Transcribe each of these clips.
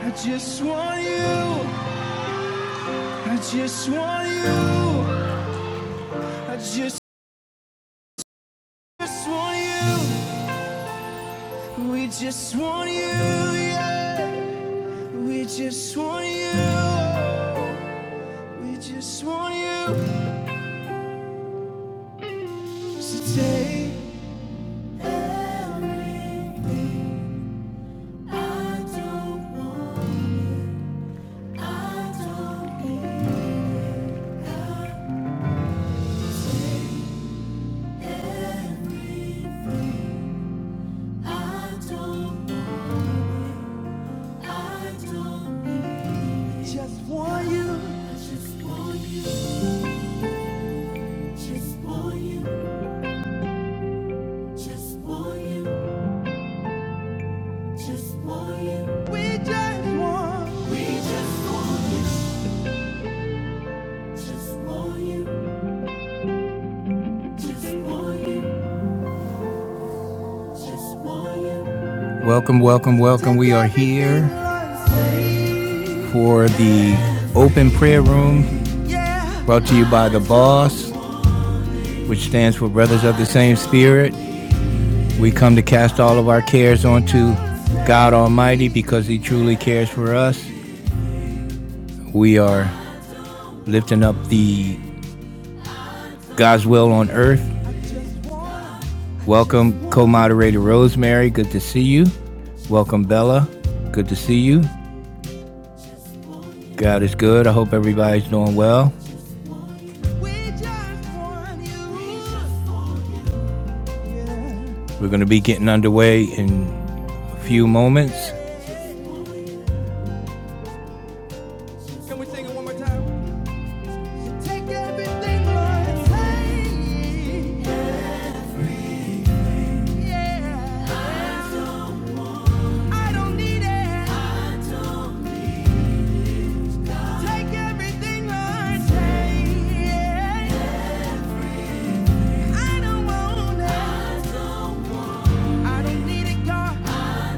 I just want you. I just want you. I just, just want you. We just want you. Yeah. We just want you. We just want you. So take. Just want you. I just want you. Just want you, just want you, just want you. We just want We just want you, just want you, just want you, just want you. Welcome, welcome, welcome. We are here for the open prayer room Yeah. brought to you by the boss, which stands for Brothers of the Same Spirit. We come to cast all of our cares onto God Almighty because He truly cares for us. We are lifting up the God's will on earth. Welcome, co moderator Rosemary. Good to see you. Welcome, Bella. Good to see you. God is good. I hope everybody's doing well. We're going to be getting underway in a few moments.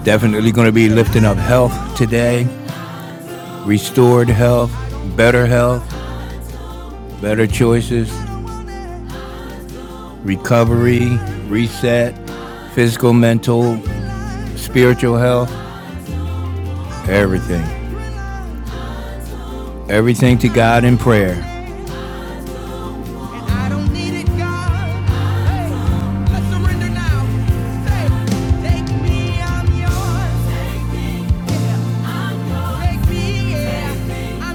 Definitely going to be lifting up health today, restored health, better health, better choices, recovery, reset, physical, mental, spiritual health, everything. Everything to God in prayer. Hey. yeah, yeah,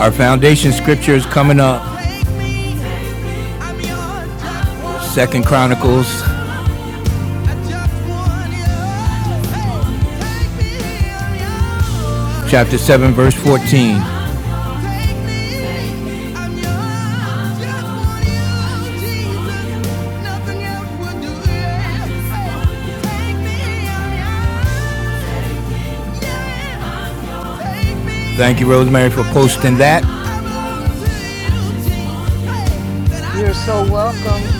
Our foundation scripture is coming up. Second Chronicles Chapter 7, verse 14. Take me. Thank you, Rosemary, for posting that. You're so welcome.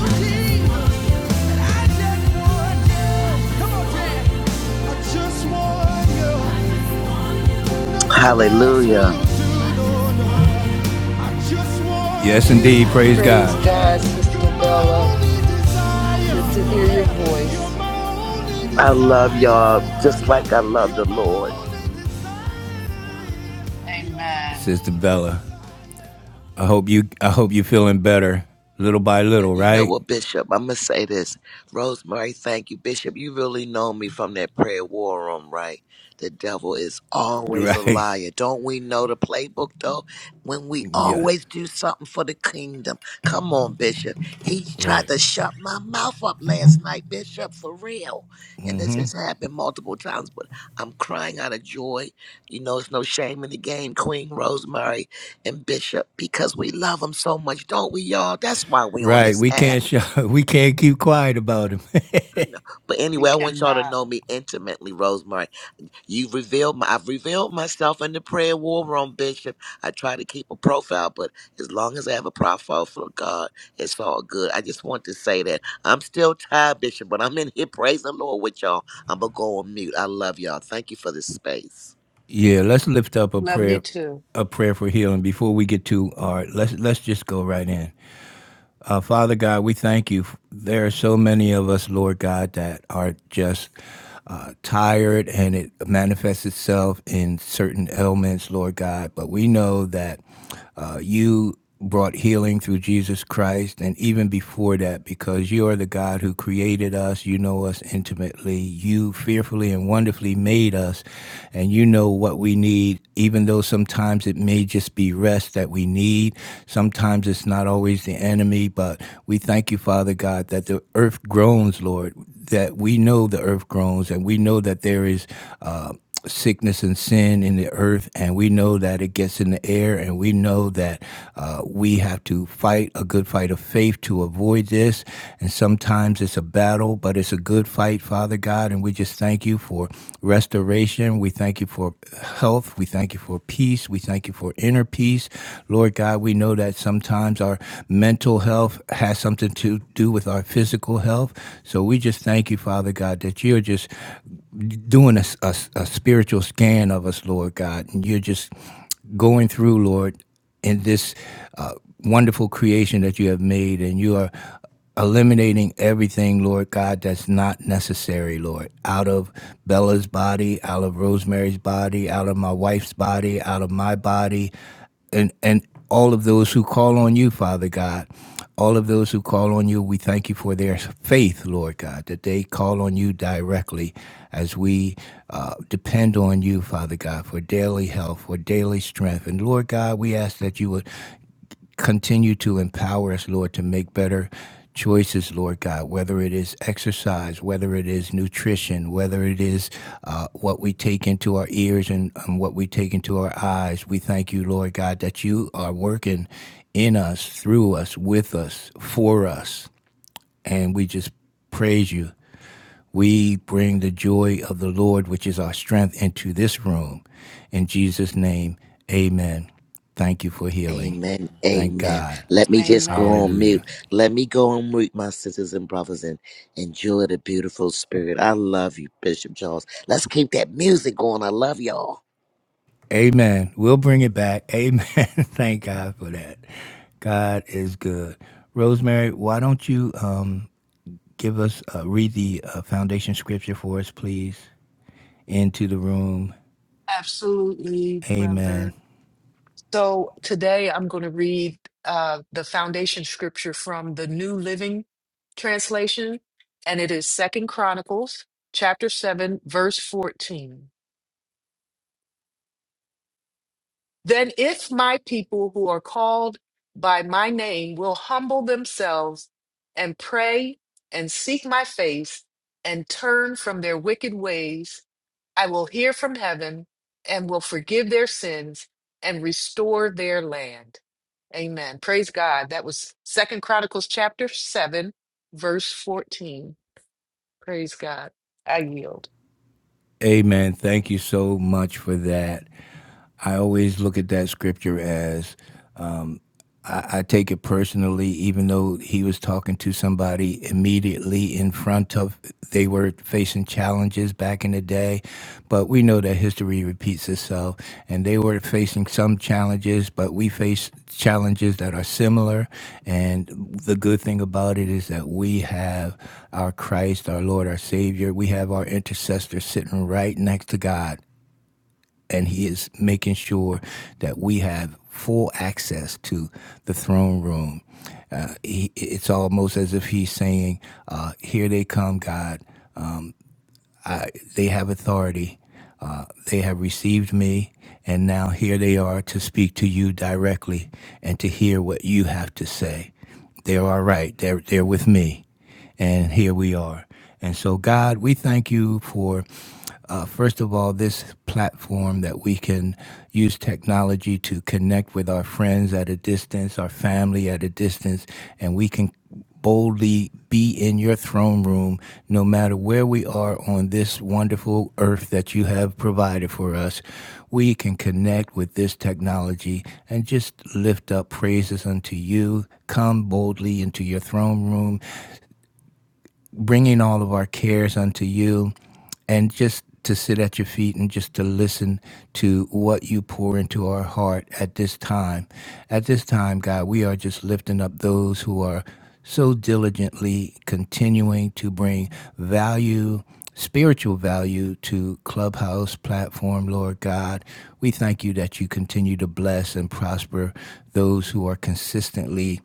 Hallelujah. Yes, indeed. Praise Praise God. God, Sister Bella. Good to hear your voice. I love y'all just like I love the Lord. Amen. Sister Bella. I hope you I hope you feeling better little by Yeah, little, You know right? what, Bishop? I'm gonna say this, Rosemary. Thank you, Bishop. You really know me from that prayer war room, right? The devil is always a Right. liar. Don't we know the playbook though? When we Yeah. always do something for the kingdom, come on, Bishop. He tried Right. to shut my mouth up last night, Bishop, for real. And this has happened multiple times, but I'm crying out of joy. You know, it's no shame in the game, Queen Rosemary and Bishop because we love them so much, don't we, y'all? That's why we on Right. this We app. can't sh- we can't keep quiet about him. I know. But We anyway, I want y'all to cannot. know me intimately, Rosemary. You've revealed my, I've revealed myself in the prayer war room, Bishop. I try to keep a profile, but as long as I have a profile for God, it's all good. I just want to say that I'm still tired, Bishop, but I'm in here. Praise the Lord with y'all. I'm going to go on mute. I love y'all. Thank you for this space. yeah, let's lift up a Love you prayer too. a prayer for healing before we get too all right. Let's let's just go right in. Uh, Father God, we thank you. There are so many of us, Lord God, that are just uh, tired and it manifests itself in certain ailments, Lord God. But we know that uh, you brought healing through Jesus Christ and even before that because you are the God who created us you know us intimately you fearfully and wonderfully made made us. And you know what we need, even though sometimes it may just be rest that we need. Sometimes it's not always the enemy, but we thank you, Father God, that the earth groans, Lord, that we know the earth groans and we know that there is. Uh, sickness and sin in the earth, and we know that it gets in the air, and we know that uh, we have to fight a good fight of faith to avoid this. And sometimes it's a battle, but it's a good fight, Father God. And we just thank you for restoration. We thank you for health. We thank you for peace. We thank you for inner peace. Lord God, we know that sometimes our mental health has something to do with our physical health. So we just thank you, Father God, that you're just doing a a a spiritual scan of us, Lord God, and you're just going through, Lord, in this uh, wonderful creation that you have made, and you are eliminating everything, Lord God, that's not necessary, Lord, out of Bella's body, out of Rosemary's body, out of my wife's body, out of my body, and and all of those who call on you, Father God. All of those who call on you, we thank you for their faith, Lord God, that they call on you directly as we uh, depend on you, Father God, for daily health, for daily strength. And Lord God, we ask that you would Continue to empower us, Lord, to make better choices, Lord God, whether it is exercise, whether it is nutrition, whether it is uh, what we take into our ears and, and what we take into our eyes. We thank you, Lord God, that you are working in us, through us, with us, for us. And we just praise you we bring the joy of the Lord, which is our strength, into this room. In Jesus' name, amen. Thank you for healing. Amen. Thank Amen. God. Let me just go Amen. on mute. Hallelujah. Let me go on mute, my sisters and brothers, and enjoy the beautiful spirit. I love you, Bishop Charles. Let's keep that music going. I love y'all. Amen. We'll bring it back. Amen. Thank God for that. God is good. Rosemary, why don't you um, give us, uh, read the uh, foundation scripture for us, please, into the room. Absolutely, Amen. brother. So today I'm going to read uh, the foundation scripture from the New Living Translation, and it is Second Chronicles chapter 7, verse 14. Then, if my people who are called by my name will humble themselves and pray and seek my face and turn from their wicked ways, I will hear from heaven and will forgive their sins and restore their land. Amen. Praise God. That was Second Chronicles chapter 7, verse 14. Praise God. I yield. Amen. Thank you so much for that. I always look at that scripture as um, I, I take it personally, even though he was talking to somebody immediately in front of, they were facing challenges back in the day. But we know that history repeats itself, and they were facing some challenges, but we face challenges that are similar. And the good thing about it is that we have our Christ, our Lord, our Savior. We have our intercessor sitting right next to God and he is making sure that we have full access to the throne room. Uh, he, it's almost as if he's saying, uh, "Here they come, God. I, they have authority. Uh, they have received me, and now here they are to speak to you directly and to hear what you have to say. They're all right. They're they're with me." and here we are. And so, God, we thank you for uh, first of all, this platform that we can use technology to connect with our friends at a distance, our family at a distance, and we can boldly be in your throne room no matter where we are on this wonderful earth that you have provided for us. We can connect with this technology and just lift up praises unto you. Come boldly into your throne room bringing all of our cares unto you and just to sit at your feet and just to listen to what you pour into our heart at this time. At this time, God, we are just lifting up those who are so diligently continuing to bring value, spiritual value to Clubhouse platform, Lord God. We thank you that you continue to bless and prosper those who are consistently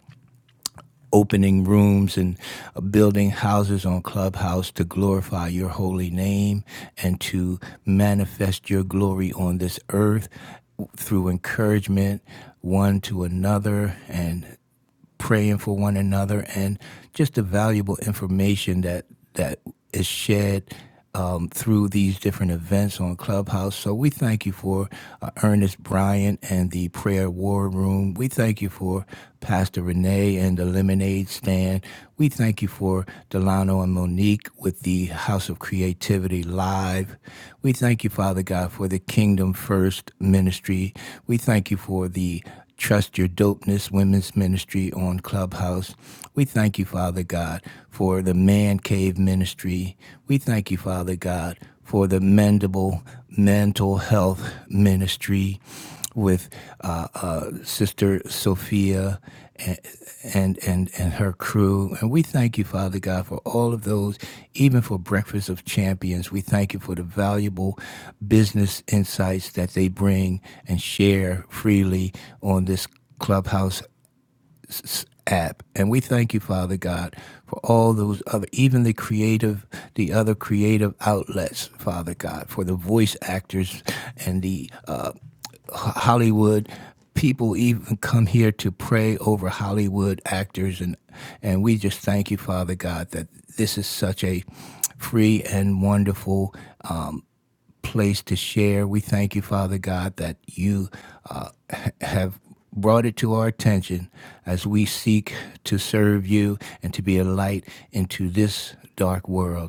opening rooms and uh, building houses on Clubhouse to glorify your holy name and to manifest your glory on this earth through encouragement one to another and praying for one another and just the valuable information that that is shared um, through these different events on Clubhouse. So we thank you for uh, Ernest Bryant and the Prayer War Room. We thank you for Pastor Renee and the Lemonade Stand. We thank you for Delano and Monique with the House of Creativity Live. We thank you, Father God, for the Kingdom First Ministry. We thank you for the Trust Your Dopeness Women's Ministry on Clubhouse. We thank you, Father God, for the Man Cave Ministry. We thank you, Father God, for the Mendable Mental Health Ministry with uh, uh, Sister Sophia and and and and her crew. And we thank you, Father God, for all of those, even for Breakfast of Champions. We thank you for the valuable business insights that they bring and share freely on this Clubhouse app. And we thank you, Father God, for all those other, even the creative, the other creative outlets, Father God, for the voice actors and the uh, Hollywood. People even come here to pray over Hollywood actors, and and we just thank you, Father God, that this is such a free and wonderful uh, place to share. We thank you, Father God, that you uh, have brought it to our attention as we seek to serve you and to be a light into this dark world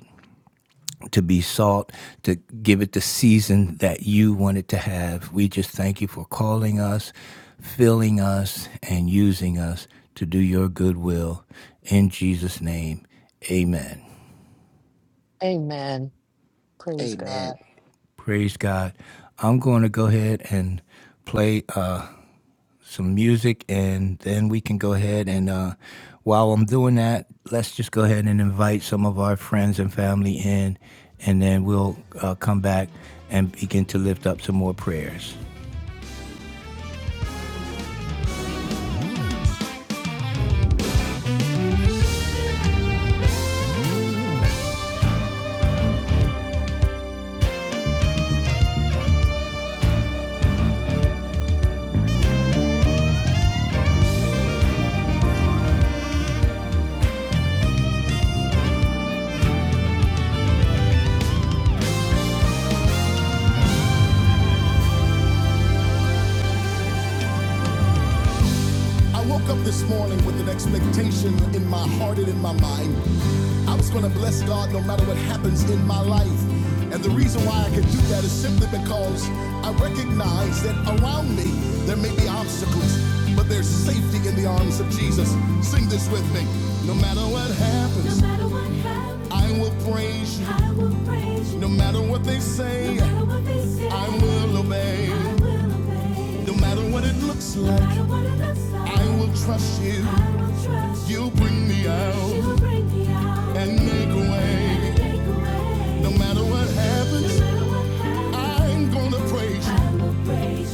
to be salt, to give it the season that you want it to have. We just thank you for calling us, filling us, and using us to do your good will. In Jesus' name, amen. Amen. Praise Amen. God. Praise God. I'm going to go ahead and play uh, some music, and then we can go ahead and uh, while I'm doing that, let's just go ahead and invite some of our friends and family in, and then we'll uh, come back and begin to lift up some more prayers. I woke up this morning with an expectation in my heart and in my mind. I was going to bless God no matter what happens in my life. And the reason why I could do that is simply because I recognize that around me there may be obstacles, but there's safety in the arms of Jesus. Sing this with me. No matter what happens, no matter what happens I will praise you. I will praise you. No matter what they say, no matter what they say I will obey. I will obey. No matter what it looks like, no like I will trust you. you. will bring me out. And make a way. No matter what happens, no I'm gonna praise you.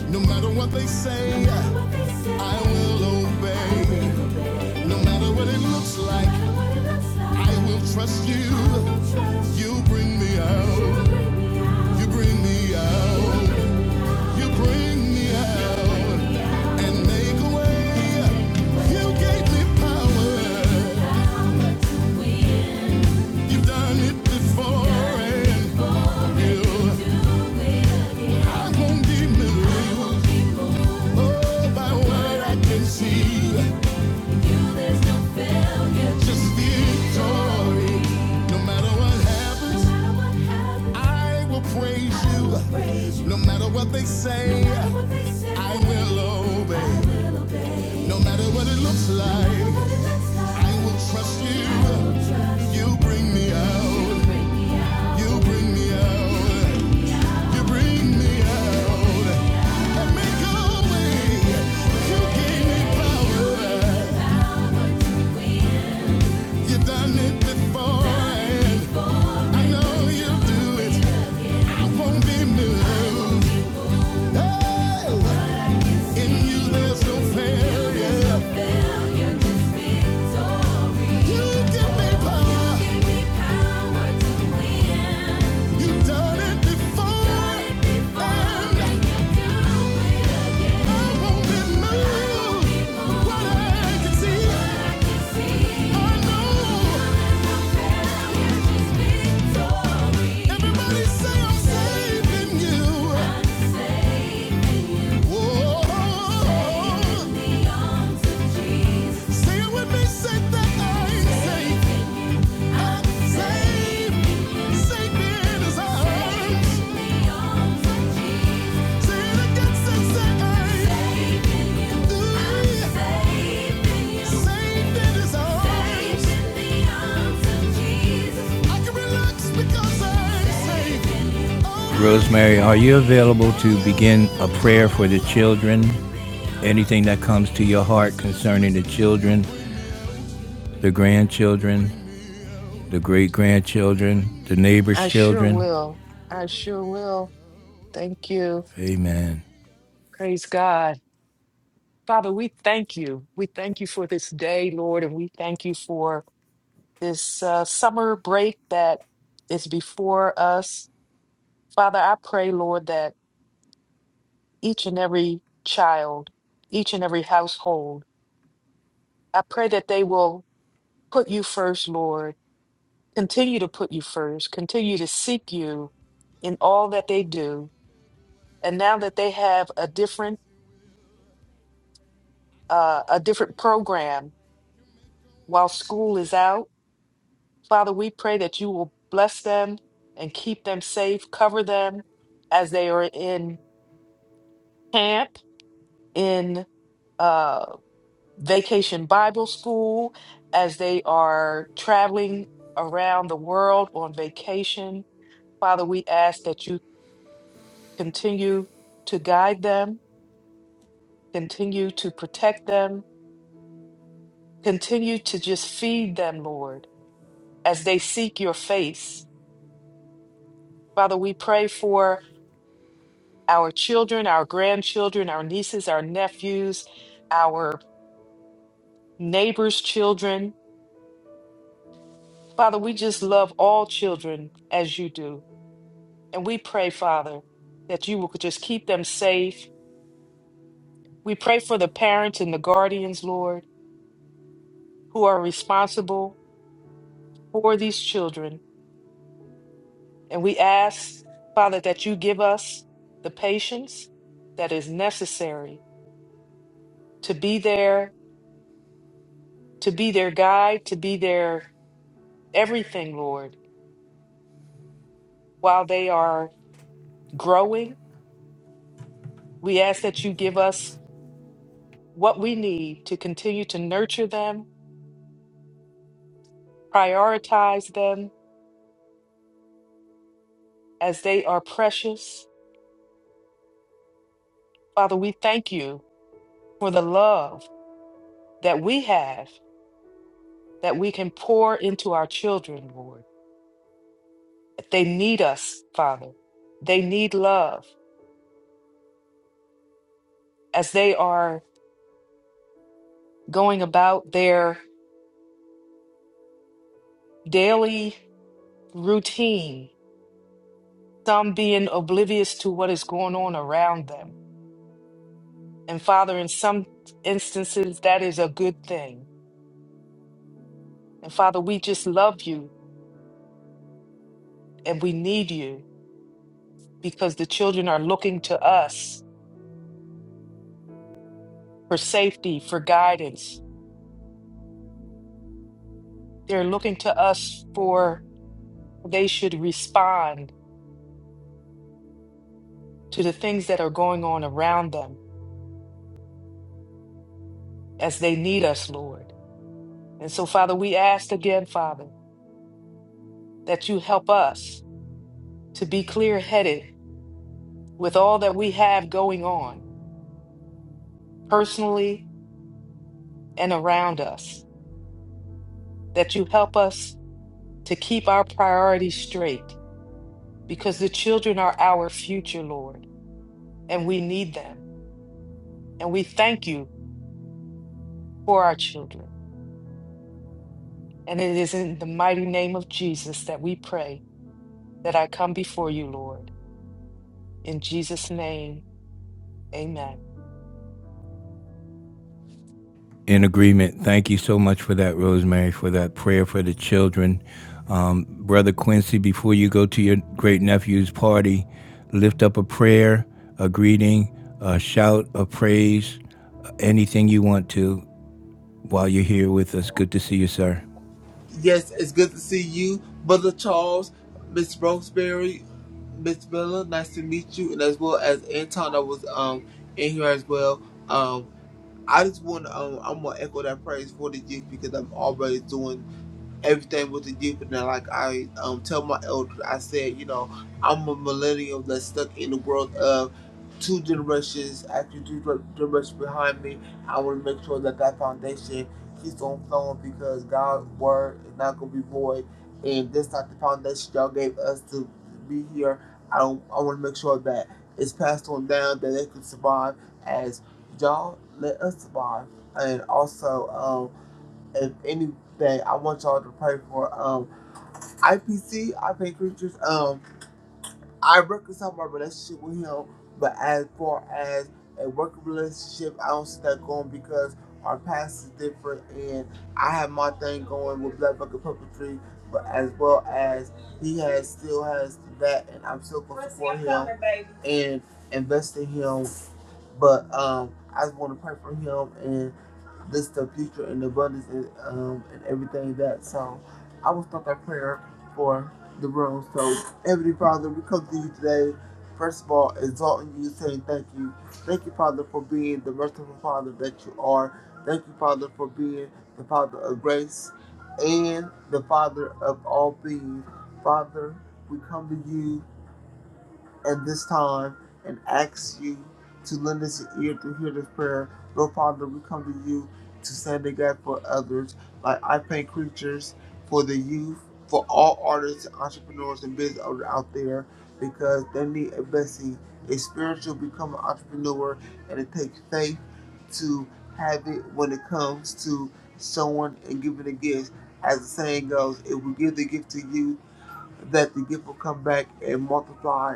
No matter what they say, no I will obey. No matter what it looks like, no like I will trust you. you. You'll bring me out. You bring me out. You bring me out and make a way. You gave me power. You've done it before and you. I won't be moved. Oh, by what I can see. Just victory. No matter what happens, I will praise you. No matter what they say, I will obey. No matter what it looks like, I will trust you. You bring me out. You bring me out. You bring me out. And make a way. You gave me power. You've done it before. And I know you'll do it. I won't be moved. Oh, in you there's no failure. You give me power. You've done it before, and I won't be moved. What I can see, I know. Everybody say I'm safe in you. Whoa. Say it with me, say that I ain't safe. Rosemary, are you available to begin a prayer for the children? Anything that comes to your heart concerning the children, the grandchildren? the great grandchildren, the neighbors' I sure children. will. I sure will. Thank you. Amen. Praise God. Father, we thank you. We thank you for this day, Lord, and we thank you for this uh, summer break that is before us. Father, I pray, Lord, that each and every child, each and every household, I pray that they will put you first, Lord, continue to put you first, continue to seek you in all that they do. And now that they have a different uh, a different program while school is out, Father, we pray that you will bless them and keep them safe, cover them as they are in camp, in uh, vacation Bible school, as they are traveling around the world on vacation. Father, we ask that you continue to guide them, continue to protect them, continue to just feed them, Lord, as they seek your face. Father, we pray for our children, our grandchildren, our nieces, our nephews, our neighbors' children. Father, we just love all children as you do. And we pray, Father, that you will just keep them safe. We pray for the parents and the guardians, Lord, who are responsible for these children. And we ask, Father, that you give us the patience that is necessary to be there, to be their guide, to be their everything, Lord while they are growing. We ask that you give us what we need to continue to nurture them, prioritize them as they are precious. Father, we thank you for the love that we have that we can pour into our children, Lord. They need us, Father. They need love as they are going about their daily routine, some being oblivious to what is going on around them And Father, in some instances, that is a good thing. And Father, we just love you and we need you because the children are looking to us for safety, for guidance. They're looking to us for how they should respond to the things that are going on around them as they need us, Lord. And so, Father, we ask again, Father, that you help us to be clear headed with all that we have going on personally and around us, that you help us to keep our priorities straight because the children are our future, Lord, and we need them. And we thank you for our children. And it is in the mighty name of Jesus that we pray that I come before you, Lord. In Jesus' name, amen. In agreement. Thank you so much for that, Rosemary, for that prayer for the children. Um, Brother Quincy, before you go to your great nephew's party, lift up a prayer, a greeting, a shout of praise, anything you want to while you're here with us. Good to see you, sir. Yes, it's good to see you, Brother Charles, Miss Roseberry, Miss Bella. Nice to meet you, and as well as Anton, that was um in here as well. Um, I just want to, um, I'm gonna echo that praise for the youth because I'm always doing everything with the youth. And then, like I um tell my elders, I said, you know, I'm a millennial that's stuck in the world of two generations actually two gener- generations behind me. I want to make sure that that foundation keeps on flowing because God's word is not gonna be void. And just like the foundation y'all gave us to be here, I don't, I want to make sure that it's passed on down that they can survive y'all let us survive. And also, um, if any day, I want y'all to pray for um IPC, I pay creatures. Um, I reconcile my relationship with him, but as far as a working relationship, I don't see that going because our past is different, and I have my thing going with Black Bucket Puppetry, but as well as he has still has that, and I'm still going to support him and invest in him but um, I just want to pray for him and. this the future and abundance and, um, and everything that. So I will start that prayer for the room. So Heavenly Father, we come to you today. First of all, exalting you, saying thank you. Thank you, Father, for being the merciful Father that you are. Thank you, Father, for being the Father of grace and the Father of all things. Father, we come to you at this time and asks you to lend us your ear to hear this prayer. Lord Father, we come to you to stand in the gap for others, like I paint creatures for the youth, for all artists, entrepreneurs, and business owners out there, because they need a blessing, a spiritual become an entrepreneur, and it takes faith to have it when it comes to someone and giving a gift. As the saying goes, if we give the gift to you, that the gift will come back and multiply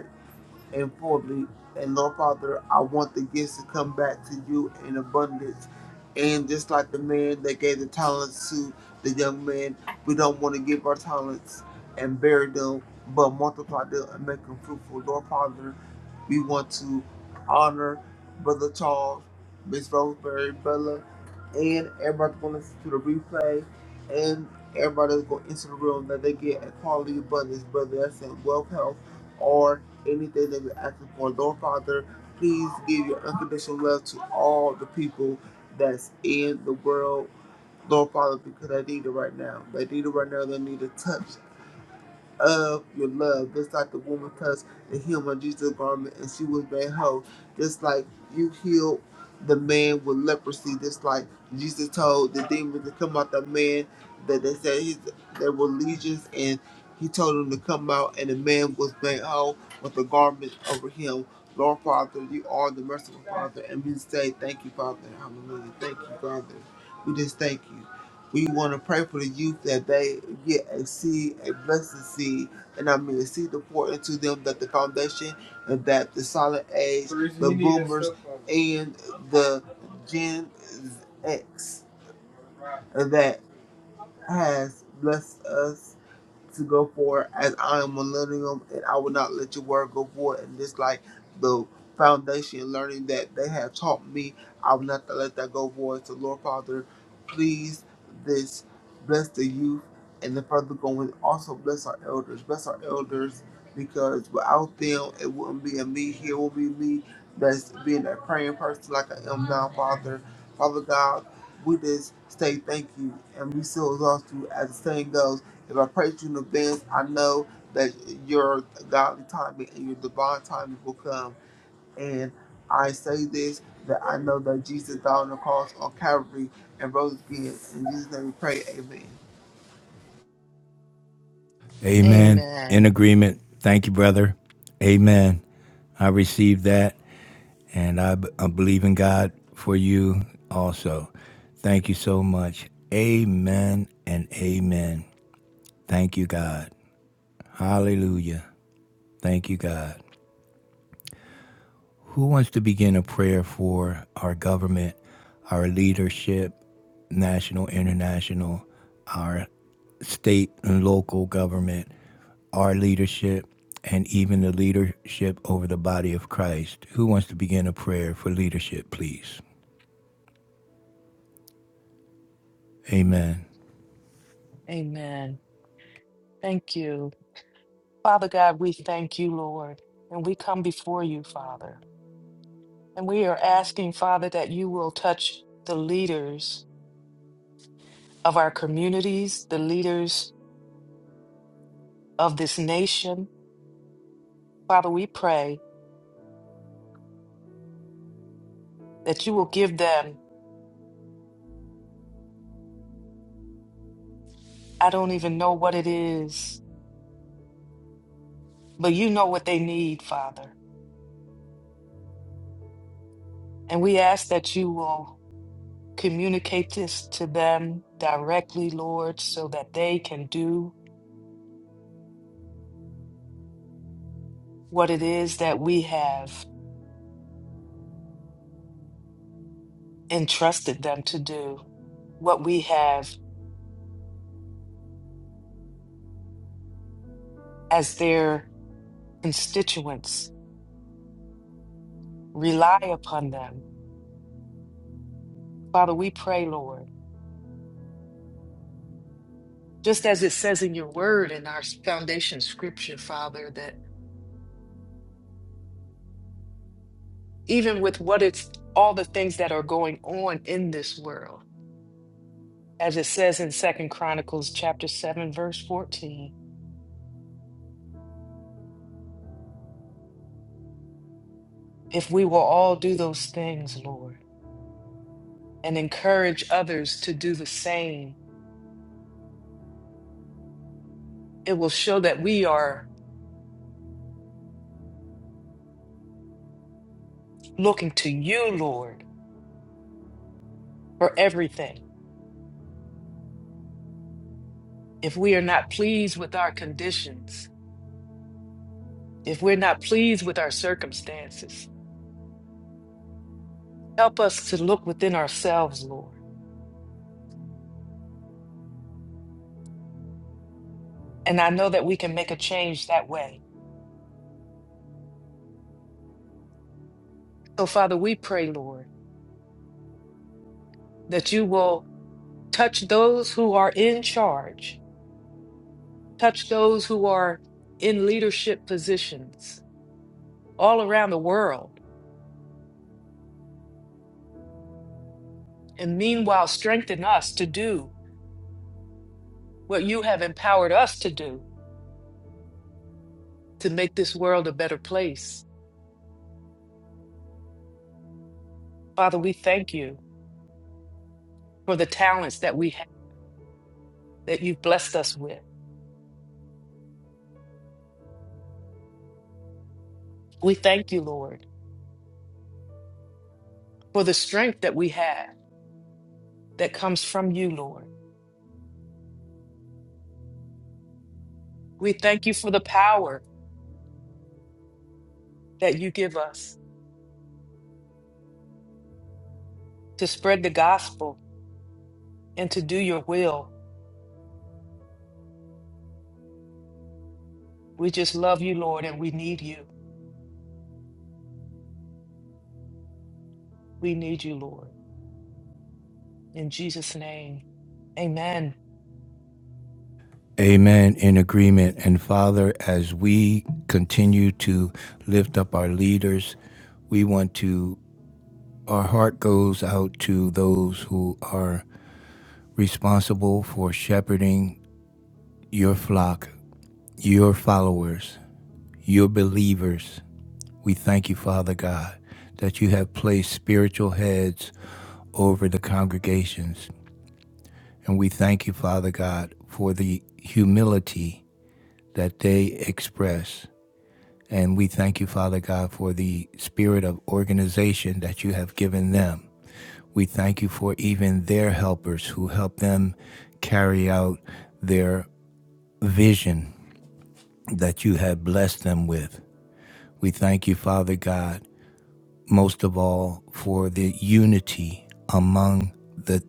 and fully. And Lord Father, I want the gifts to come back to you in abundance. And just like the man that gave the talents to the young man, we don't want to give our talents and bury them, but multiply them and make them fruitful. Lord Father, we want to honor Brother Charles, Miss Rosemary, Bella, and everybody's going to listen to the replay. And everybody's going to enter the room that they get a quality abundance, whether that's in wealth, health, or anything that we're asking for. Lord Father, please give your unconditional love to all the people that's in the world. Lord Father, because I need it right now. They need it right now. They need a touch of your love, just like the woman touched the hem of Jesus' garment and she was made whole. Just like you healed the man with leprosy, just like Jesus told the demons to come out the man that they said he's, there were legions and he told them to come out and the man was made whole with the garment over him. Lord Father, you are the merciful Father, and we say thank you, Father. Hallelujah. Thank you, Father. We just thank you. We want to pray for the youth that they get a seed, a blessed seed, and I mean a seed to pour into them that the foundation and that the solid age, the boomers, and the Gen X that has blessed us to go forward as I am millennium and I will not let your word go void. And just like the foundation learning that they have taught me, I will not let that go void. So Lord Father, please this bless the youth and the further going. Also bless our elders. Bless our elders because without them it wouldn't be a me here, it will be me that's being a praying person like I am now, Father. Father God, we just say thank you and we still exhaust you as the saying goes. If I praise you in advance, I know that your godly timing and your divine timing will come. And I say this that I know that Jesus died on the cross on Calvary and rose again. In Jesus' name we pray, Amen. Amen. In Amen. agreement. Thank you, brother. Amen. I received that. And I, b- I believe in God for you also. Thank you so much. Amen and amen. Thank you, God. Hallelujah. Thank you, God. Who wants to begin a prayer for our government, our leadership, national, international, our state and local government, our leadership, and even the leadership over the body of Christ? Who wants to begin a prayer for leadership, please? Amen. Amen. Thank you. Father God, we thank you, Lord. And we come before you, Father. And we are asking, Father, that you will touch the leaders of our communities, the leaders of this nation. Father, we pray that you will give them, I don't even know what it is, but you know what they need, Father. And we ask that you will communicate this to them directly, Lord, so that they can do what it is that we have entrusted them to do, what we have as their constituents. Rely upon them. Father, we pray, Lord, just as it says in your word in our foundation scripture, Father, that even with what it's all the things that are going on in this world as it says in second chronicles chapter 7 verse 14 if we will all do those things lord and encourage others to do the same it will show that we are looking to you lord for everything if we are not pleased with our conditions if we're not pleased with our circumstances help us to look within ourselves lord and i know that we can make a change that way so father we pray lord that you will touch those who are in charge, touch those who are in leadership positions all around the world, and meanwhile strengthen us to do what you have empowered us to do to make this world a better place. Father, we thank you for the talents that we have that you've blessed us with. We thank you, Lord, for the strength that we have that comes from you, Lord. We thank you for the power that you give us to spread the gospel and to do your will. We just love you, Lord, and we need you. We need you, Lord. In Jesus' name, amen. Amen. In agreement. And Father, as we continue to lift up our leaders, we want to, our heart goes out to those who are responsible for shepherding your flock, your followers, your believers. We thank you, Father God, that you have placed spiritual heads over the congregations. And we thank you, Father God, for the humility that they express And we thank you, Father God, for the spirit of organization that you have given them. We thank you for even their helpers who help them carry out their vision that you have blessed them with. We thank you, Father God, most of all for the unity among the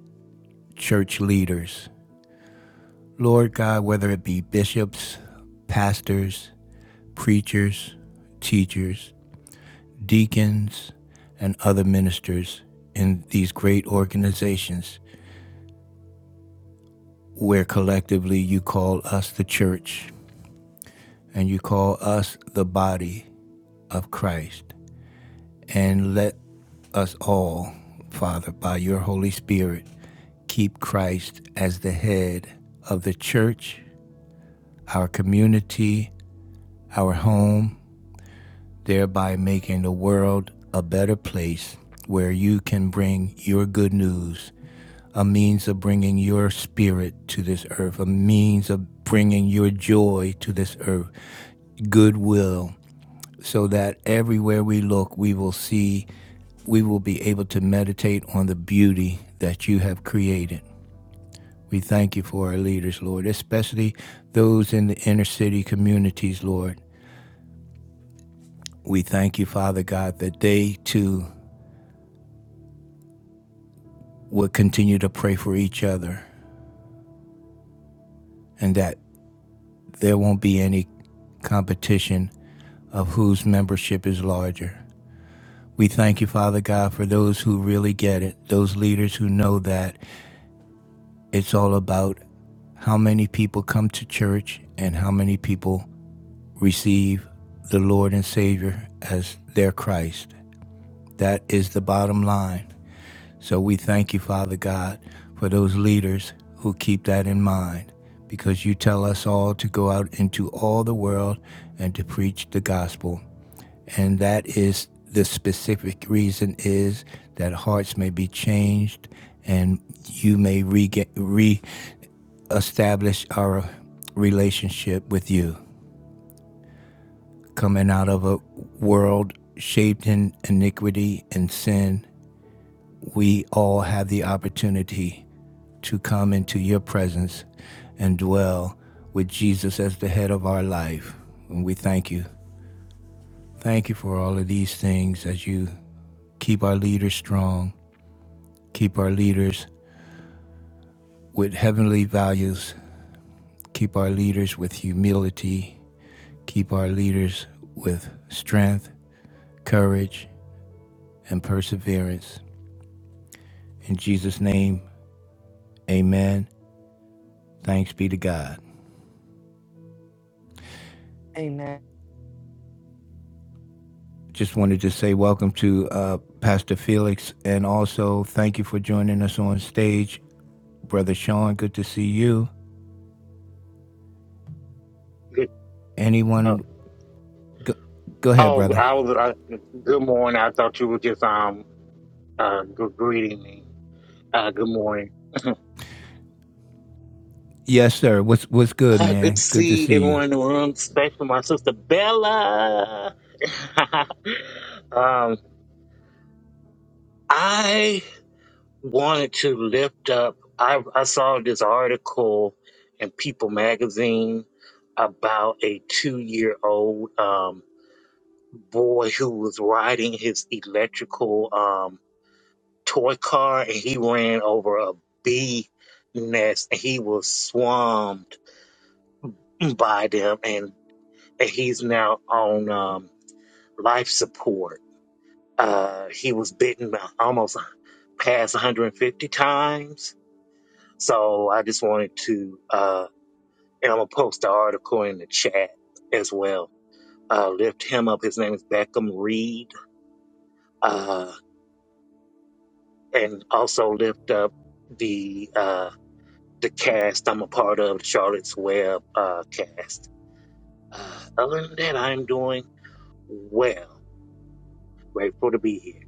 church leaders. Lord God, whether it be bishops, pastors, preachers, teachers, deacons, and other ministers in these great organizations where collectively you call us the church and you call us the body of Christ. And let us all, Father, by your Holy Spirit, keep Christ as the head of the church, our community, our home, thereby making the world a better place where you can bring your good news a means of bringing your spirit to this earth, a means of bringing your joy to this earth, goodwill, so that everywhere we look, we will see, we will be able to meditate on the beauty that you have created. We thank you for our leaders, Lord, especially those in the inner city communities, Lord. We thank you, Father God, that they too will continue to pray for each other and that there won't be any competition of whose membership is larger. We thank you, Father God, for those who really get it, those leaders who know that it's all about how many people come to church and how many people receive the Lord and Savior as their Christ. That is the bottom line. So we thank you, Father God, for those leaders who keep that in mind because you tell us all to go out into all the world and to preach the gospel. and that is the specific reason is that hearts may be changed and you may rega reestablish our relationship with you coming out of a world shaped in iniquity and sin we all have the opportunity to come into your presence and dwell with Jesus as the head of our life. And we thank you. Thank you for all of these things as you keep our leaders strong Keep our leaders with heavenly values. Keep our leaders with humility. Keep our leaders with strength, courage, and perseverance. In Jesus' name, amen. Thanks be to God. Amen. Just wanted to say welcome to uh, Pastor Felix and also thank you for joining us on stage. Brother Sean, good to see you. Good. Uh, Anyone, go, go ahead, oh, brother. I was. Uh, good morning. I thought you were just um uh gr- greeting me. Uh, good morning. Yes, sir. What's, what's good, Uh, good to man? Good to see see you. everyone in the room, especially my sister Bella. um, I wanted to lift up. I I saw this article in People magazine about a two year old um boy who was riding his electrical um, toy car and he ran over a bee nest and he was swarmed by them and, he's now on um, life support. Uh, he was bitten by almost past 150 times. So I just wanted to, uh, and I'm going to post the article in the chat as well. Uh, lift him up. His name is Beckham Reed. Uh, and also lift up the uh, the cast I'm a part of, the Charlotte's Web uh, cast. Uh, other than that, I'm doing well. Grateful to be here.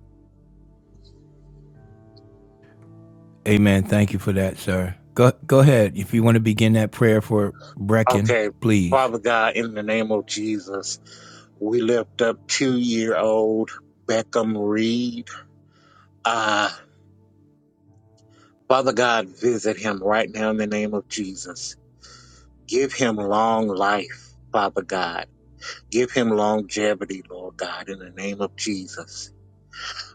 Amen. Thank you for that, sir. Go go ahead. If you want to begin that prayer for Brecken, Okay, please. Father God, in the name of Jesus, we lift up two year old Beckham Reed. Uh, Father God, visit him right now in the name of Jesus. Give him long life, Father God. Give him longevity, Lord God, in the name of Jesus.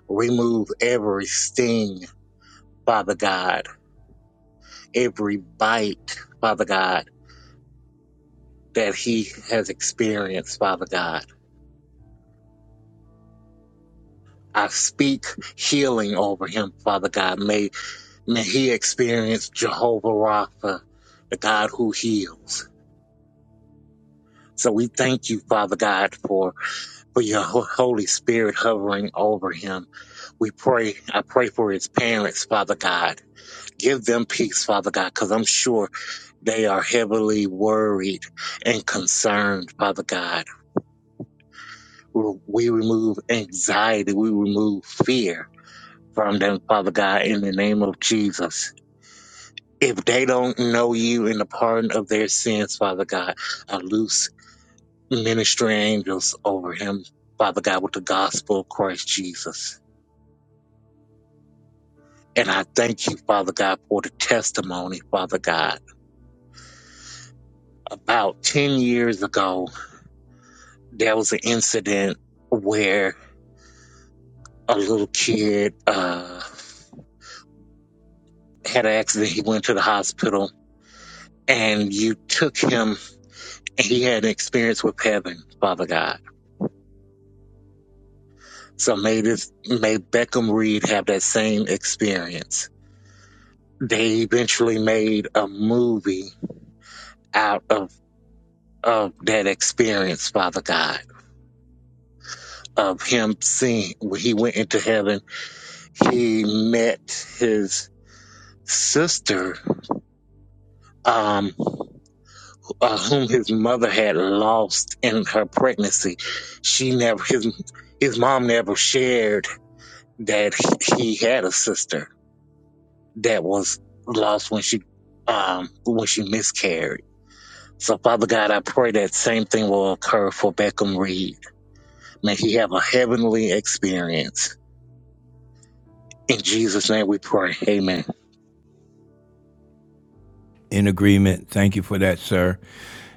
Remove every sting, Father God every bite, Father God, that he has experienced, Father God. I speak healing over him, Father God. May, may he experience Jehovah Rapha, the God who heals. So we thank you, Father God, for, for your ho- Holy Spirit hovering over him. We pray, I pray for his parents, Father God. Give them peace, Father God, because I'm sure they are heavily worried and concerned, Father God We remove anxiety. We remove fear from them, Father God, in the name of Jesus. If they don't know you in the pardon of their sins, Father God, I loose ministry angels over him, Father God, with the gospel of Christ Jesus. And I thank you, Father God, for the testimony, Father God. About 10 years ago, there was an incident where a little kid uh, had an accident. He went to the hospital and you took him and he had an experience with heaven, Father God. So may this may Beckham Reed have that same experience. They eventually made a movie out of of that experience, Father God, of him seeing when he went into heaven, he met his sister, um, uh, whom his mother had lost in her pregnancy. She never his his mom never shared that he he had a sister that was lost when she um when she miscarried. So Father God, I pray that same thing will occur for Beckham Reed. May he have a heavenly experience. In Jesus' name we pray. Amen. In agreement. Thank you for that, sir.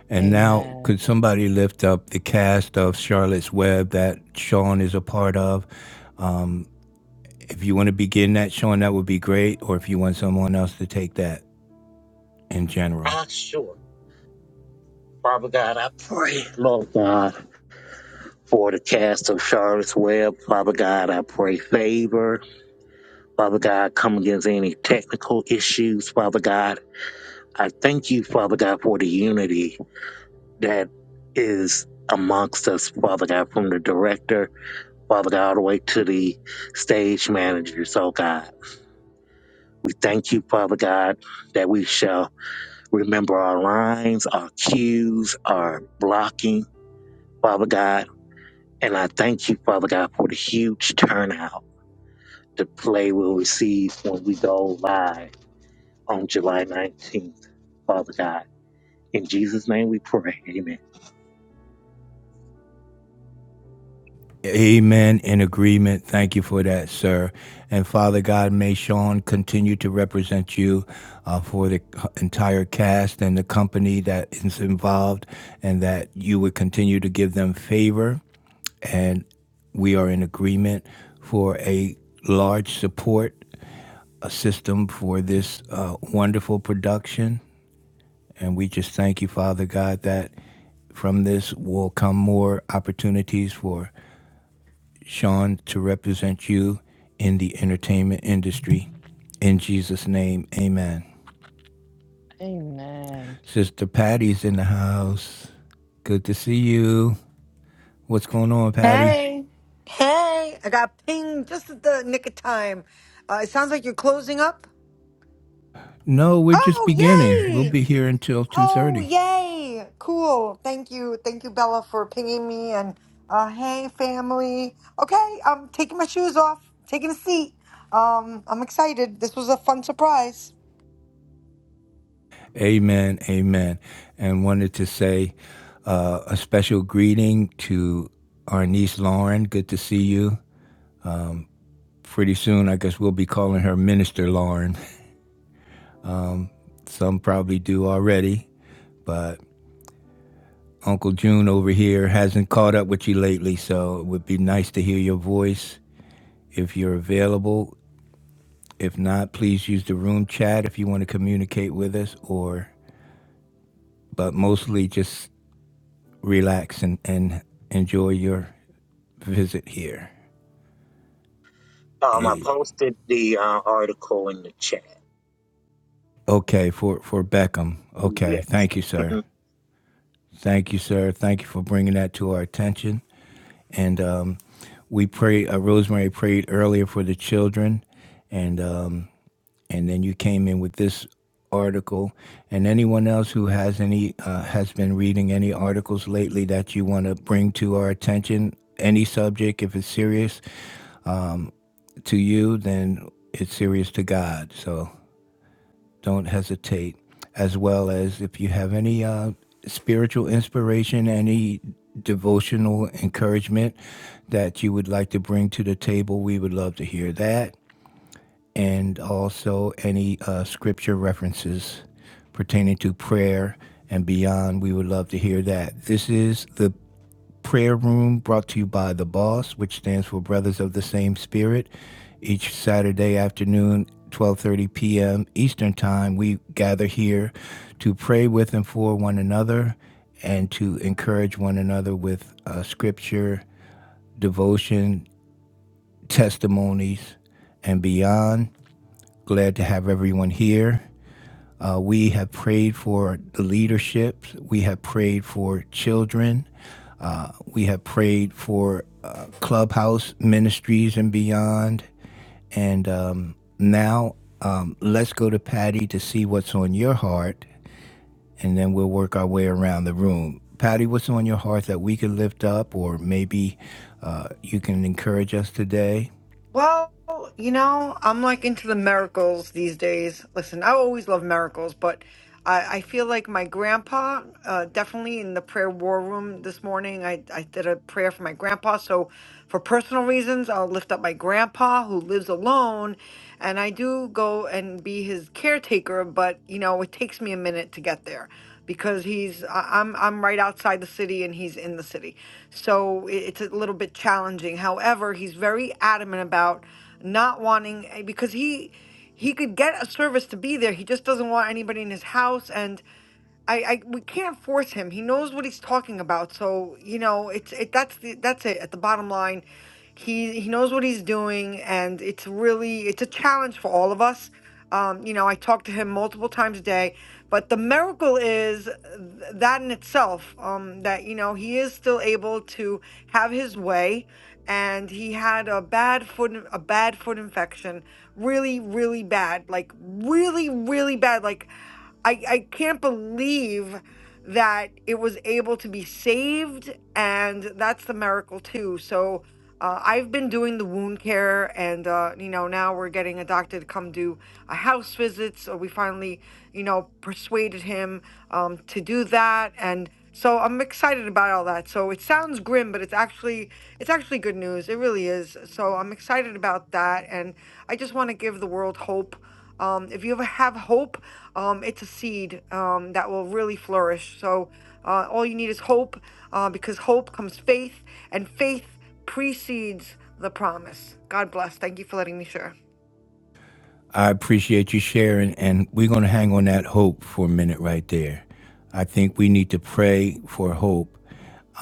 And now Amen. could somebody lift up the cast of Charlotte's Web that Sean is a part of? Um, if you want to begin that, Sean, that would be great. Or if you want someone else to take that in general. Ah sure. Father God, I pray, Lord God, for the cast of Charlotte's Web. Father God, I pray favor. Father God, come against any technical issues. Father God, I thank you, Father God, for the unity that is amongst us, Father God, from the director, Father God, all the way to the stage managers, oh God. We thank you, Father God, that we shall remember our lines, our cues, our blocking, Father God. And I thank you, Father God, for the huge turnout the play will receive when we go live on July 19th, Father God. In Jesus' name we pray. Amen. Amen. In agreement. Thank you for that, sir. And Father God, may Sean continue to represent you uh, for the entire cast and the company that is involved, and that you would continue to give them favor. And we are in agreement for a large support uh, system for this uh, wonderful production. And we just thank you, Father God, that from this will come more opportunities for Sean, to represent you in the entertainment industry. In Jesus' name, amen. Amen. Sister Patty's in the house. Good to see you. What's going on, Patty? Hey, hey, I got pinged just at the nick of time. Uh, it sounds like you're closing up. No, we're just Oh, beginning. We'll yay! be here until Oh, 2.30. yay! Cool. Thank you. Thank you, Bella, for pinging me. And uh, hey, family. Okay, I'm taking my shoes off, taking a seat. Um, I'm excited. This was a fun surprise. Amen, amen. And wanted to say uh, a special greeting to our niece, Lauren. Good to see you. Pretty soon, I guess we'll be calling her Minister Lauren. Some probably do already, but Uncle June over here hasn't caught up with you lately, so it would be nice to hear your voice if you're available. If not, please use the room chat if you want to communicate with us or but mostly just relax and, and enjoy your visit here. Um, I Eh, posted the uh, article in the chat. okay, for, for Beckham. Okay. Thank you, sir. Mhm. Thank you, sir. Thank you for bringing that to our attention. And um, we pray, uh, Rosemary prayed earlier for the children. And um, and then you came in with this article and anyone else who has any uh, has been reading any articles lately that you want to bring to our attention any subject if it's serious to you then it's serious to god so don't hesitate as well as if you have any uh, spiritual inspiration any devotional encouragement that you would like to bring to the table we would love to hear that and also any uh, scripture references pertaining to prayer and beyond. We would love to hear that. This is the prayer room brought to you by The Boss, which stands for Brothers of the Same Spirit. Each Saturday afternoon, 12:30 p.m. Eastern Time, we gather here to pray with and for one another and to encourage one another with uh, scripture, devotion, testimonies, and beyond. Glad to have everyone here. Uh, we have prayed for the leadership. We have prayed for children. We have prayed for uh, clubhouse ministries and beyond. And um, now um, let's go to Patty to see what's on your heart, and then we'll work our way around the room. Patty, what's on your heart that we can lift up, or maybe uh, you can encourage us today? Well, you know, I'm like into the miracles these days. Listen, I always love miracles, but I, I feel like my grandpa, uh, definitely in the prayer war room this morning, I, I did a prayer for my grandpa. So, for personal reasons, I'll lift up my grandpa who lives alone, and I do go and be his caretaker, but, you know, it takes me a minute to get there because he's I- I'm I'm right outside the city and he's in the city. So i- it's a little bit challenging. However, he's very adamant about not wanting eh, because he he could get a service to be there. He just doesn't want anybody in his house and I, I we can't force him. He knows what he's talking about. So you know, it's it. That's the that's it. At the bottom line, he he knows what he's doing, and it's really it's a challenge for all of us. Um, you know, I talk to him multiple times a day, but the miracle is th- that in itself um, that you know he is still able to have his way, and he had a bad foot in- a bad foot infection, really really bad, like really really bad, like. I, I can't believe that it was able to be saved, and that's the miracle too. So uh, I've been doing the wound care, and uh, you know now we're getting a doctor to come do uh, house visit. So we finally, you know, persuaded him um, to do that, and so I'm excited about all that. So it sounds grim, but it's actually it's actually good news. It really is. So I'm excited about that, and I just want to give the world hope. Um, if you ever have hope, um, it's a seed um, that will really flourish. So uh, all you need is hope, uh, because hope comes faith, and faith precedes the promise. God bless. Thank you for letting me share. I appreciate you sharing, and we're going to hang on that hope for a minute right there. I think we need to pray for hope.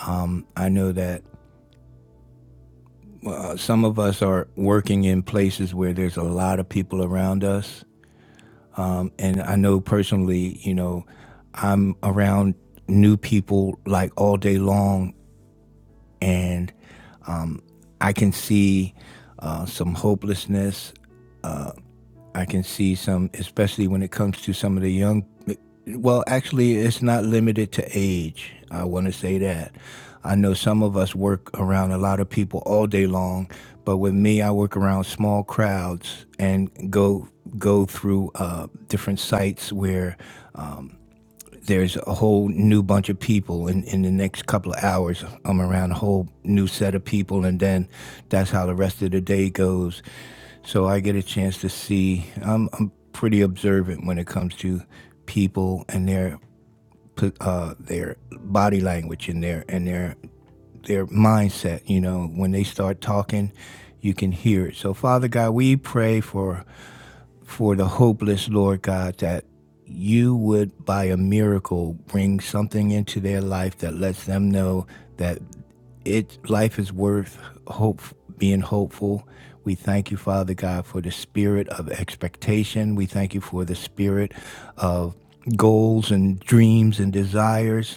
Um, I know that uh, some of us are working in places where there's a lot of people around us. And I know personally, you know, I'm around new people like all day long, and I can see uh, some hopelessness I can see some, especially when it comes to some of the young. Well, actually, it's not limited to age. I want to say that. I know some of us work around a lot of people all day long, but with me, I work around small crowds and go go through uh, different sites where um, there's a whole new bunch of people. And in the next couple of hours, I'm around a whole new set of people, and then that's how the rest of the day goes. So I get a chance to see. I'm, I'm pretty observant when it comes to people and their uh, their body language and their and their their mindset. You know, when they start talking, you can hear it. So Father God, we pray for for the hopeless, Lord God, that you would, by a miracle, bring something into their life that lets them know that it life is worth hope being hopeful. We thank you, Father God, for the spirit of expectation. We thank you for the spirit of goals and dreams and desires.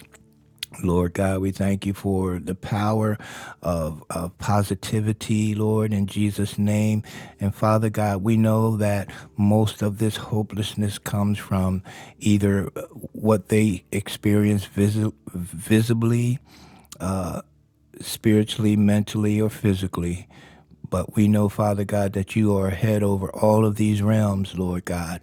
Lord God, we thank you for the power of, of positivity, Lord, in Jesus' name. And Father God, we know that most of this hopelessness comes from either uh, what they experience visi- visibly, spiritually, mentally, or physically. But we know, Father God, that you are head over all of these realms, Lord God.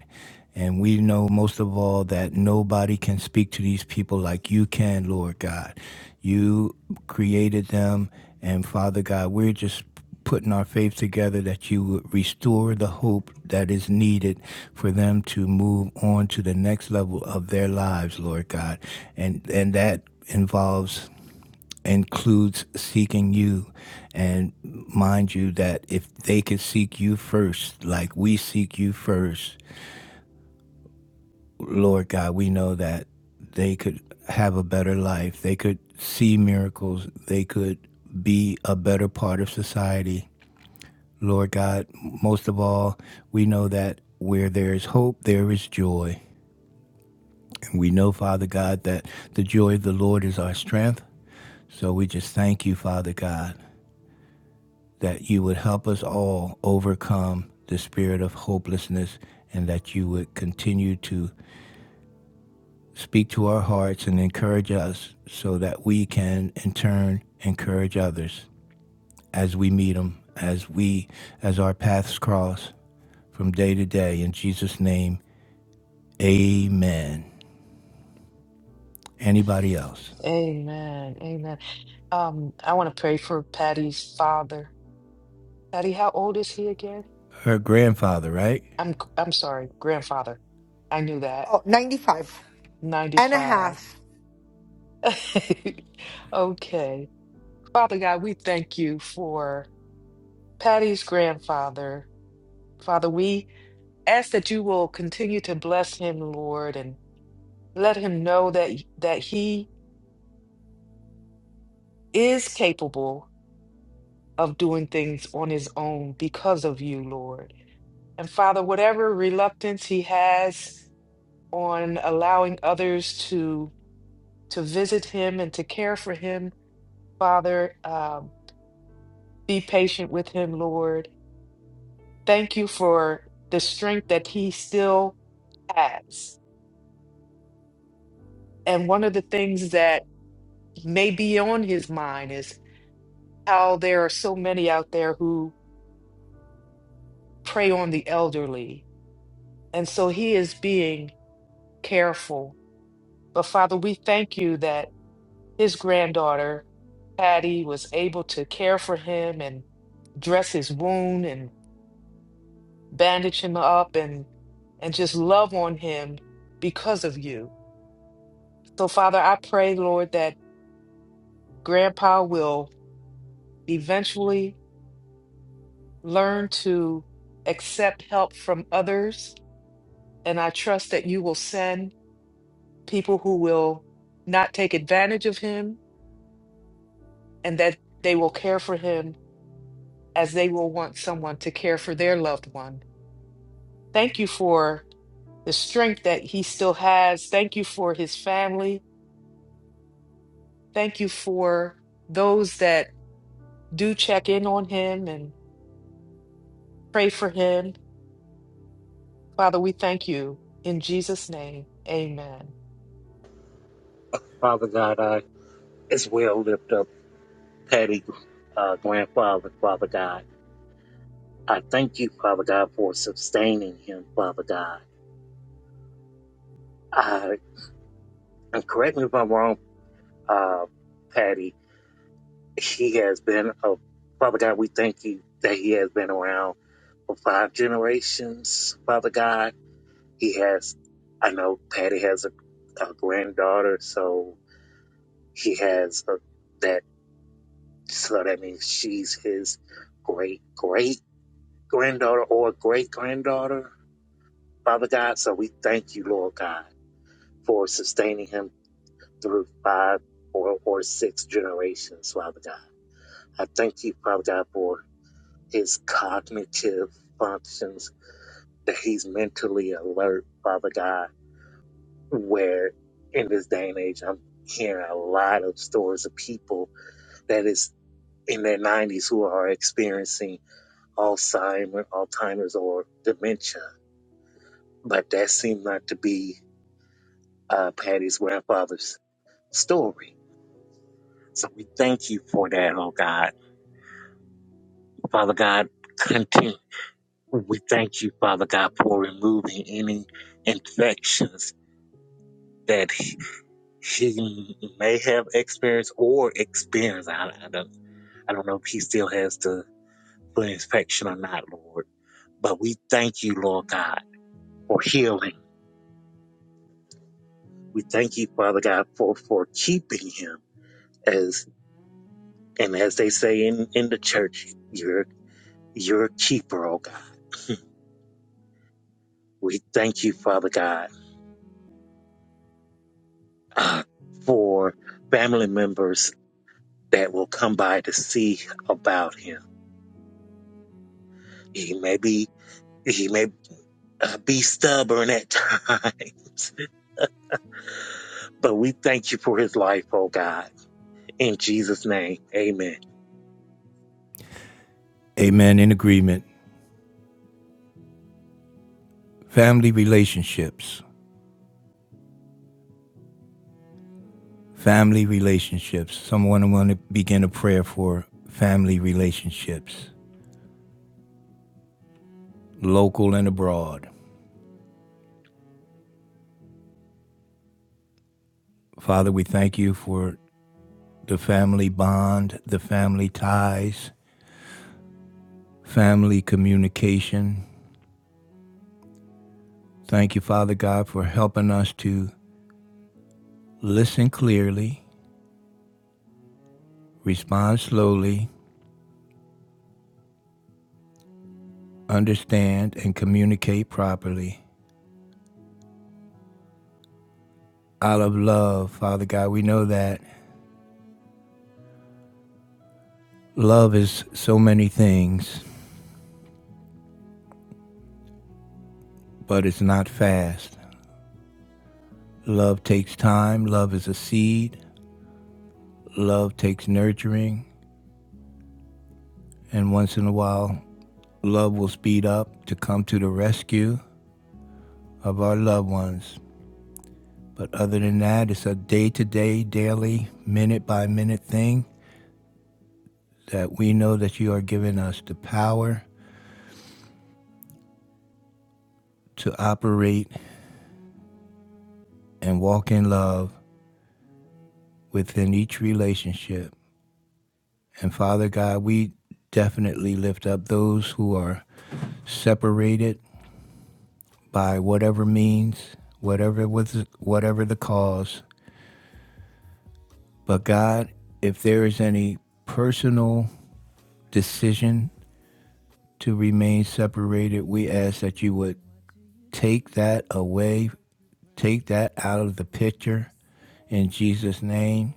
And we know most of all that nobody can speak to these people like you can, Lord God. You created them, and Father God, we're just putting our faith together that you would restore the hope that is needed for them to move on to the next level of their lives, Lord God. And and that involves includes seeking you. And mind you, that if they could seek you first, like we seek you first, Lord God, we know that they could have a better life. They could see miracles. They could be a better part of society. Lord God, most of all, we know that where there is hope, there is joy. And we know, Father God, that the joy of the Lord is our strength. So we just thank you, Father God, that you would help us all overcome the spirit of hopelessness and that you would continue to speak to our hearts and encourage us so that we can in turn encourage others as we meet them as we as our paths cross from day to day in Jesus name amen anybody else Amen. Amen. Um, I want to pray for Patty's father. Patty, how old is he again? her grandfather right I'm g- I'm sorry, grandfather. I knew that. Oh, 95. and a 95. half. okay. Father God, we thank you for Patty's grandfather. Father, we ask that you will continue to bless him, Lord, and Let him know that that he is capable of doing things on his own because of you, Lord. And Father, whatever reluctance he has on allowing others to to visit him and to care for him, Father, um, be patient with him, Lord. Thank you for the strength that he still has. And one of the things that may be on his mind is how there are so many out there who prey on the elderly And so he is being careful. But Father, we thank you that his granddaughter, Patty, was able to care for him and dress his wound and bandage him up and and just love on him because of you. So, Father, I pray, Lord, that Grandpa will eventually learn to accept help from others. And I trust that you will send people who will not take advantage of him, and that they will care for him as they will want someone to care for their loved one. Thank you for the strength that he still has. Thank you for his family. Thank you for those that do check in on him and pray for him. Father, we thank you. In Jesus' name, amen. Father God, I as well lift up Patty, uh, grandfather, Father God. I thank you, Father God, for sustaining him, Father God. I, and correct me if I'm wrong, uh, Patty, he has been, a, Father God, we thank you that he has been around for five generations, Father God. He has, I know Patty has a, a granddaughter, so he has a, that, so that means she's his great, great granddaughter or great granddaughter, Father God. So we thank you, Lord God, for sustaining him through five or, or six generations, Father God. I thank you, Father God, for his cognitive functions, that he's mentally alert, Father God, where in this day and age, I'm hearing a lot of stories of people that is in their 90s who are experiencing Alzheimer, Alzheimer's or dementia, but that seemed not to be uh, Patty's grandfather's story. So we thank you for that, oh God. Father God, continue. We thank you, Father God, for removing any infections that he he may have experienced or experienced. I, I, don't, I don't know if he still has the foot infection or not, Lord. But we thank you, Lord God, for healing. We thank you, Father God, for, for keeping him as and as they say in, in the church, you're. You're a keeper, oh God. We thank you, Father God, uh, for family members that will come by to see about him. He may be, he may uh, be stubborn at times, but we thank you for his life, oh God. In Jesus' name, amen. amen in agreement family relationships family relationships. Someone want to begin a prayer for family relationships, local and abroad. Father, we thank you for the family bond, the family ties, family communication. Thank you, Father God, for helping us to listen clearly, respond slowly, understand, and communicate properly. Out of love, Father God, we know that love is so many things, but it's not fast. Love takes time, love is a seed, love takes nurturing, and once in a while, love will speed up to come to the rescue of our loved ones. But other than that, it's a day to day, daily, minute by minute thing that we know that you are giving us the power to operate and walk in love within each relationship. And Father God, we definitely lift up those who are separated by whatever means, whatever was whatever the cause. But God, if there is any personal decision to remain separated, we ask that you would take that away, take that out of the picture in Jesus' name,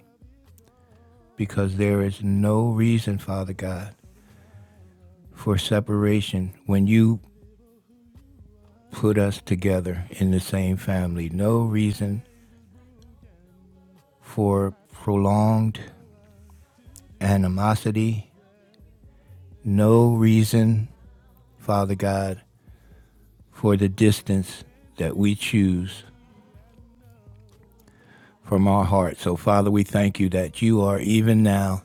because there is no reason, Father God, for separation when you put us together in the same family. No reason for prolonged animosity, no reason, Father God, for the distance that we choose from our heart. So, Father, we thank you that you are even now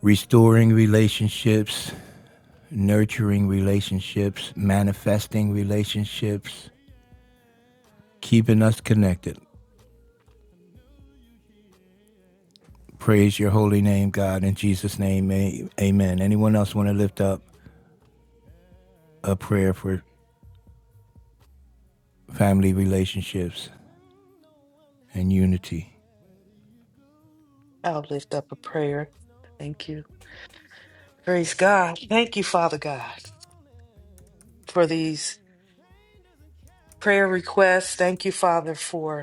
restoring relationships, nurturing relationships, manifesting relationships, keeping us connected. Praise your holy name, God. In Jesus' name, amen. Anyone else want to lift up a prayer for family relationships and unity? I'll lift up a prayer. Thank you. Praise God. Thank you, Father God, for these prayer requests. Thank you, Father, for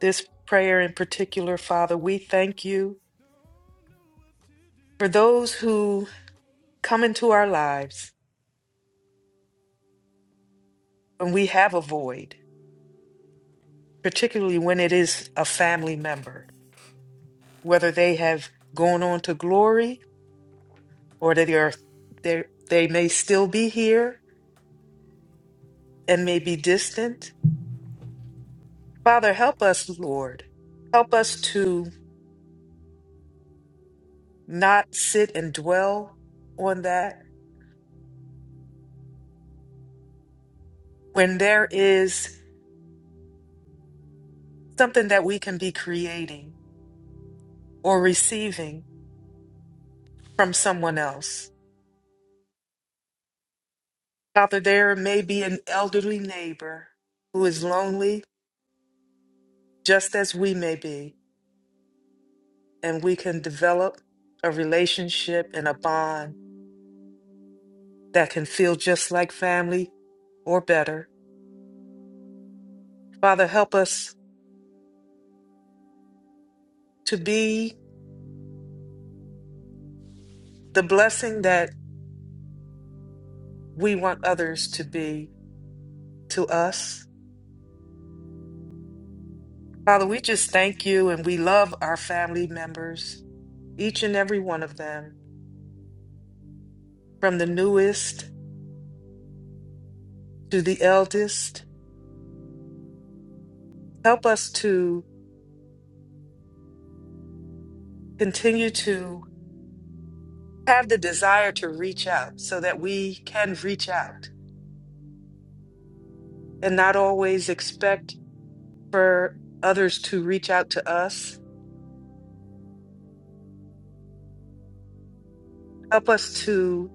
this prayer in particular, Father. We thank you for those who come into our lives when we have a void, particularly when it is a family member, whether they have gone on to glory or that they are they they may still be here and may be distant. Father, help us, Lord. Help us to not sit and dwell on that when there is something that we can be creating or receiving from someone else. Father, there may be an elderly neighbor who is lonely, just as we may be, and we can develop a relationship and a bond that can feel just like family or better. Father, help us to be the blessing that we want others to be to us. Father, we just thank you and we love our family members, each and every one of them, from the newest to the eldest. Help us to continue to have the desire to reach out so that we can reach out and not always expect for others to reach out to us. Help us to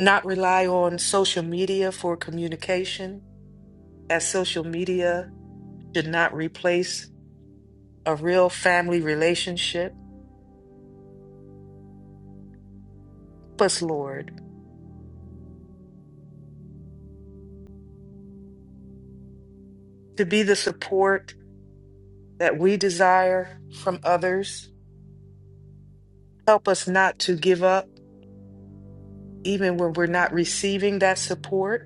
not rely on social media for communication, as social media should not replace a real family relationship. Help us, Lord, to be the support that we desire from others. Help us not to give up even when we're not receiving that support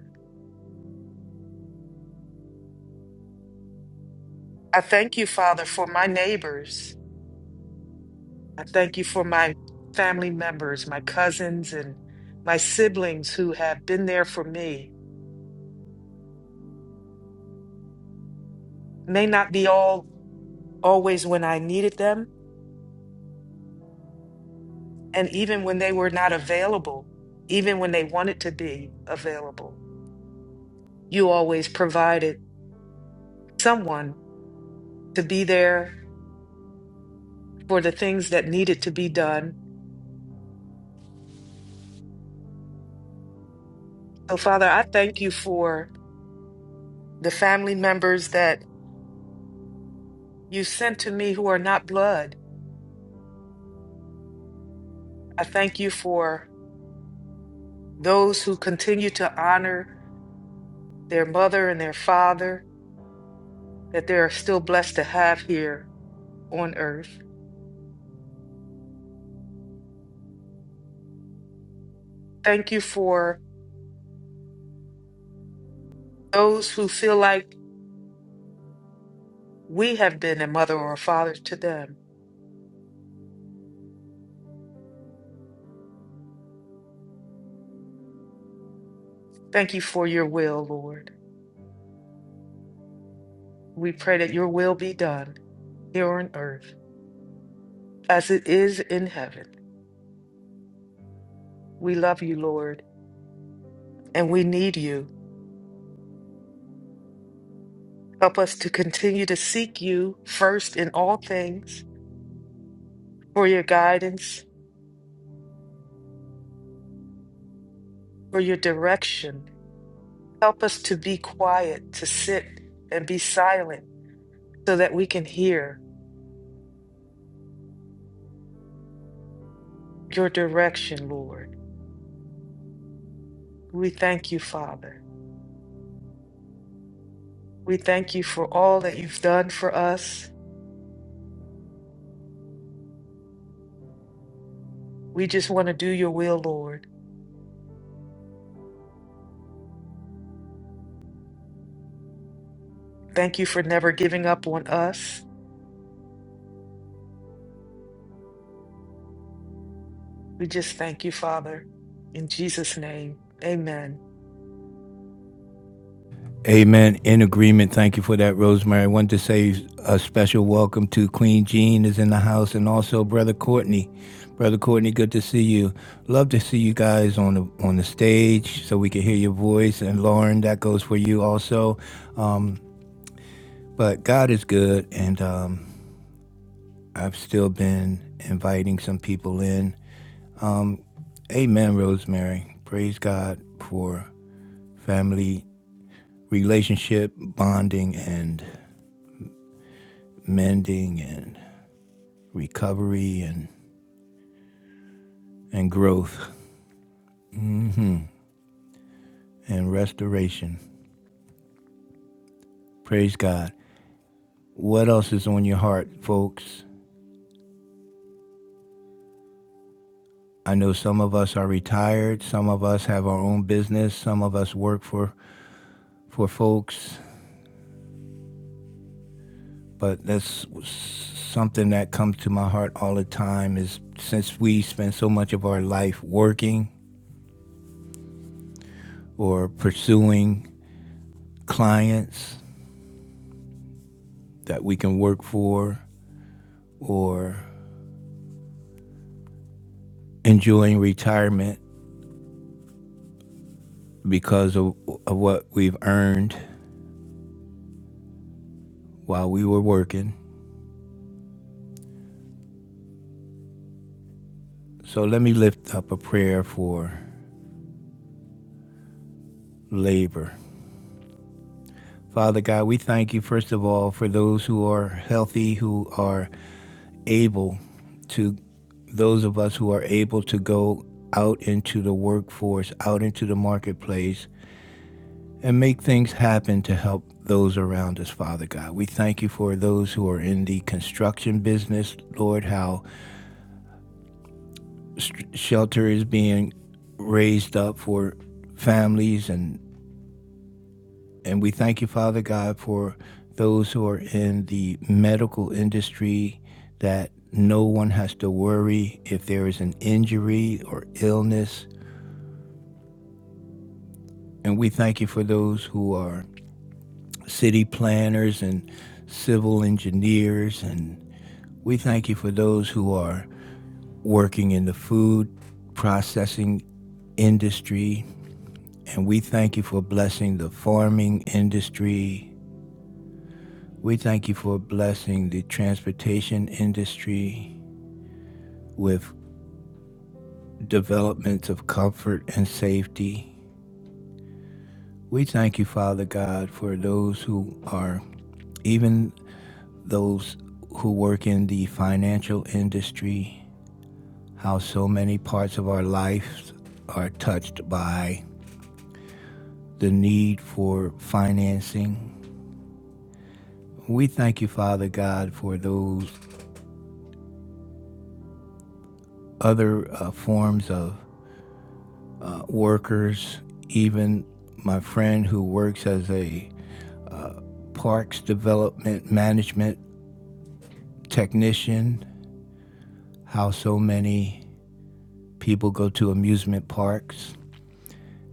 I thank you, Father, for my neighbors. I thank you for my family members, my cousins, and my siblings who have been there for me. May not be all always when I needed them, and even when they were not available, even when they wanted to be available. You always provided someone to be there for the things that needed to be done. So, Father, I thank you for the family members that you sent to me who are not blood. I thank you for. those who continue to honor their mother and their father that they are still blessed to have here on earth. Thank you for those who feel like we have been a mother or a father to them. Thank you for your will, Lord. We pray that your will be done here on earth as it is in heaven. We love you, Lord, and we need you. Help us to continue to seek you first in all things for your guidance, for your direction Help us to be quiet, to sit and be silent so that we can hear your direction, Lord. We thank you, Father. We thank you for all that you've done for us. We just want to do your will, Lord. Thank you for never giving up on us. We just thank you, Father. In Jesus' name, amen. Amen. In agreement. Thank you for that, Rosemary. I wanted to say a special welcome to Queen Jean is in the house and also Brother Courtney. Brother Courtney, good to see you. Love to see you guys on the on the stage so we can hear your voice. And Lauren, that goes for you also. Um, but God is good and um, I've still been inviting some people in. Amen, Rosemary. Praise God for family relationship bonding and mending and recovery and, and growth and restoration. Praise God. What else is on your heart, folks? I know some of us are retired, some of us have our own business, some of us work for, for folks, but that's something that comes to my heart all the time is since we spend so much of our life working or pursuing clients that we can work for or enjoying retirement because of, of what we've earned while we were working. So let me lift up a prayer for labor. Father God, we thank you, first of all, for those who are healthy, who are able to, those of us who are able to go out into the workforce, out into the marketplace, and make things happen to help those around us, Father God. We thank you for those who are in the construction business, Lord, how s- shelter is being raised up for families and and we thank you father god for those who are in the medical industry that no one has to worry if there is an injury or illness and we thank you for those who are city planners and civil engineers and we thank you for those who are working in the food processing industry And we thank you for blessing the farming industry. We thank you for blessing the transportation industry with developments of comfort and safety. We thank you, Father God, for those who are, even those who work in the financial industry, how so many parts of our lives are touched by the need for financing. We thank you, Father God, for those other uh, forms of uh, workers, even my friend who works as a parks development management technician, how so many people go to amusement parks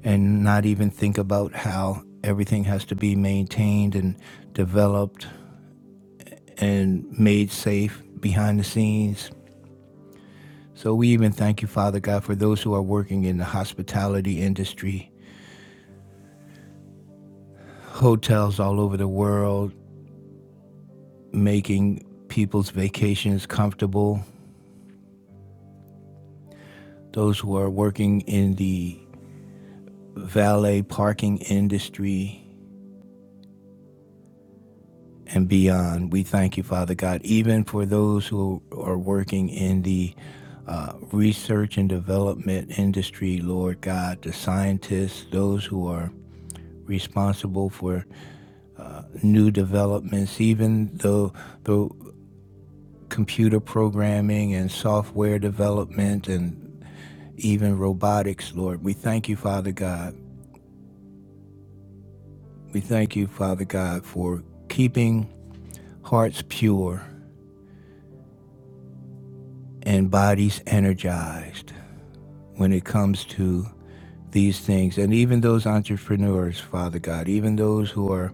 and not even think about how everything has to be maintained and developed and made safe behind the scenes. So we even thank you, Father God, for those who are working in the hospitality industry, hotels all over the world, making people's vacations comfortable. Those who are working in the valet parking industry and beyond, we thank you, Father God, even for those who are working in the uh, research and development industry, Lord God, the scientists, those who are responsible for new developments, even though the computer programming and software development and even robotics, Lord. We thank you, Father God. We thank you, Father God, for keeping hearts pure and bodies energized when it comes to these things. And even those entrepreneurs, Father God, even those who are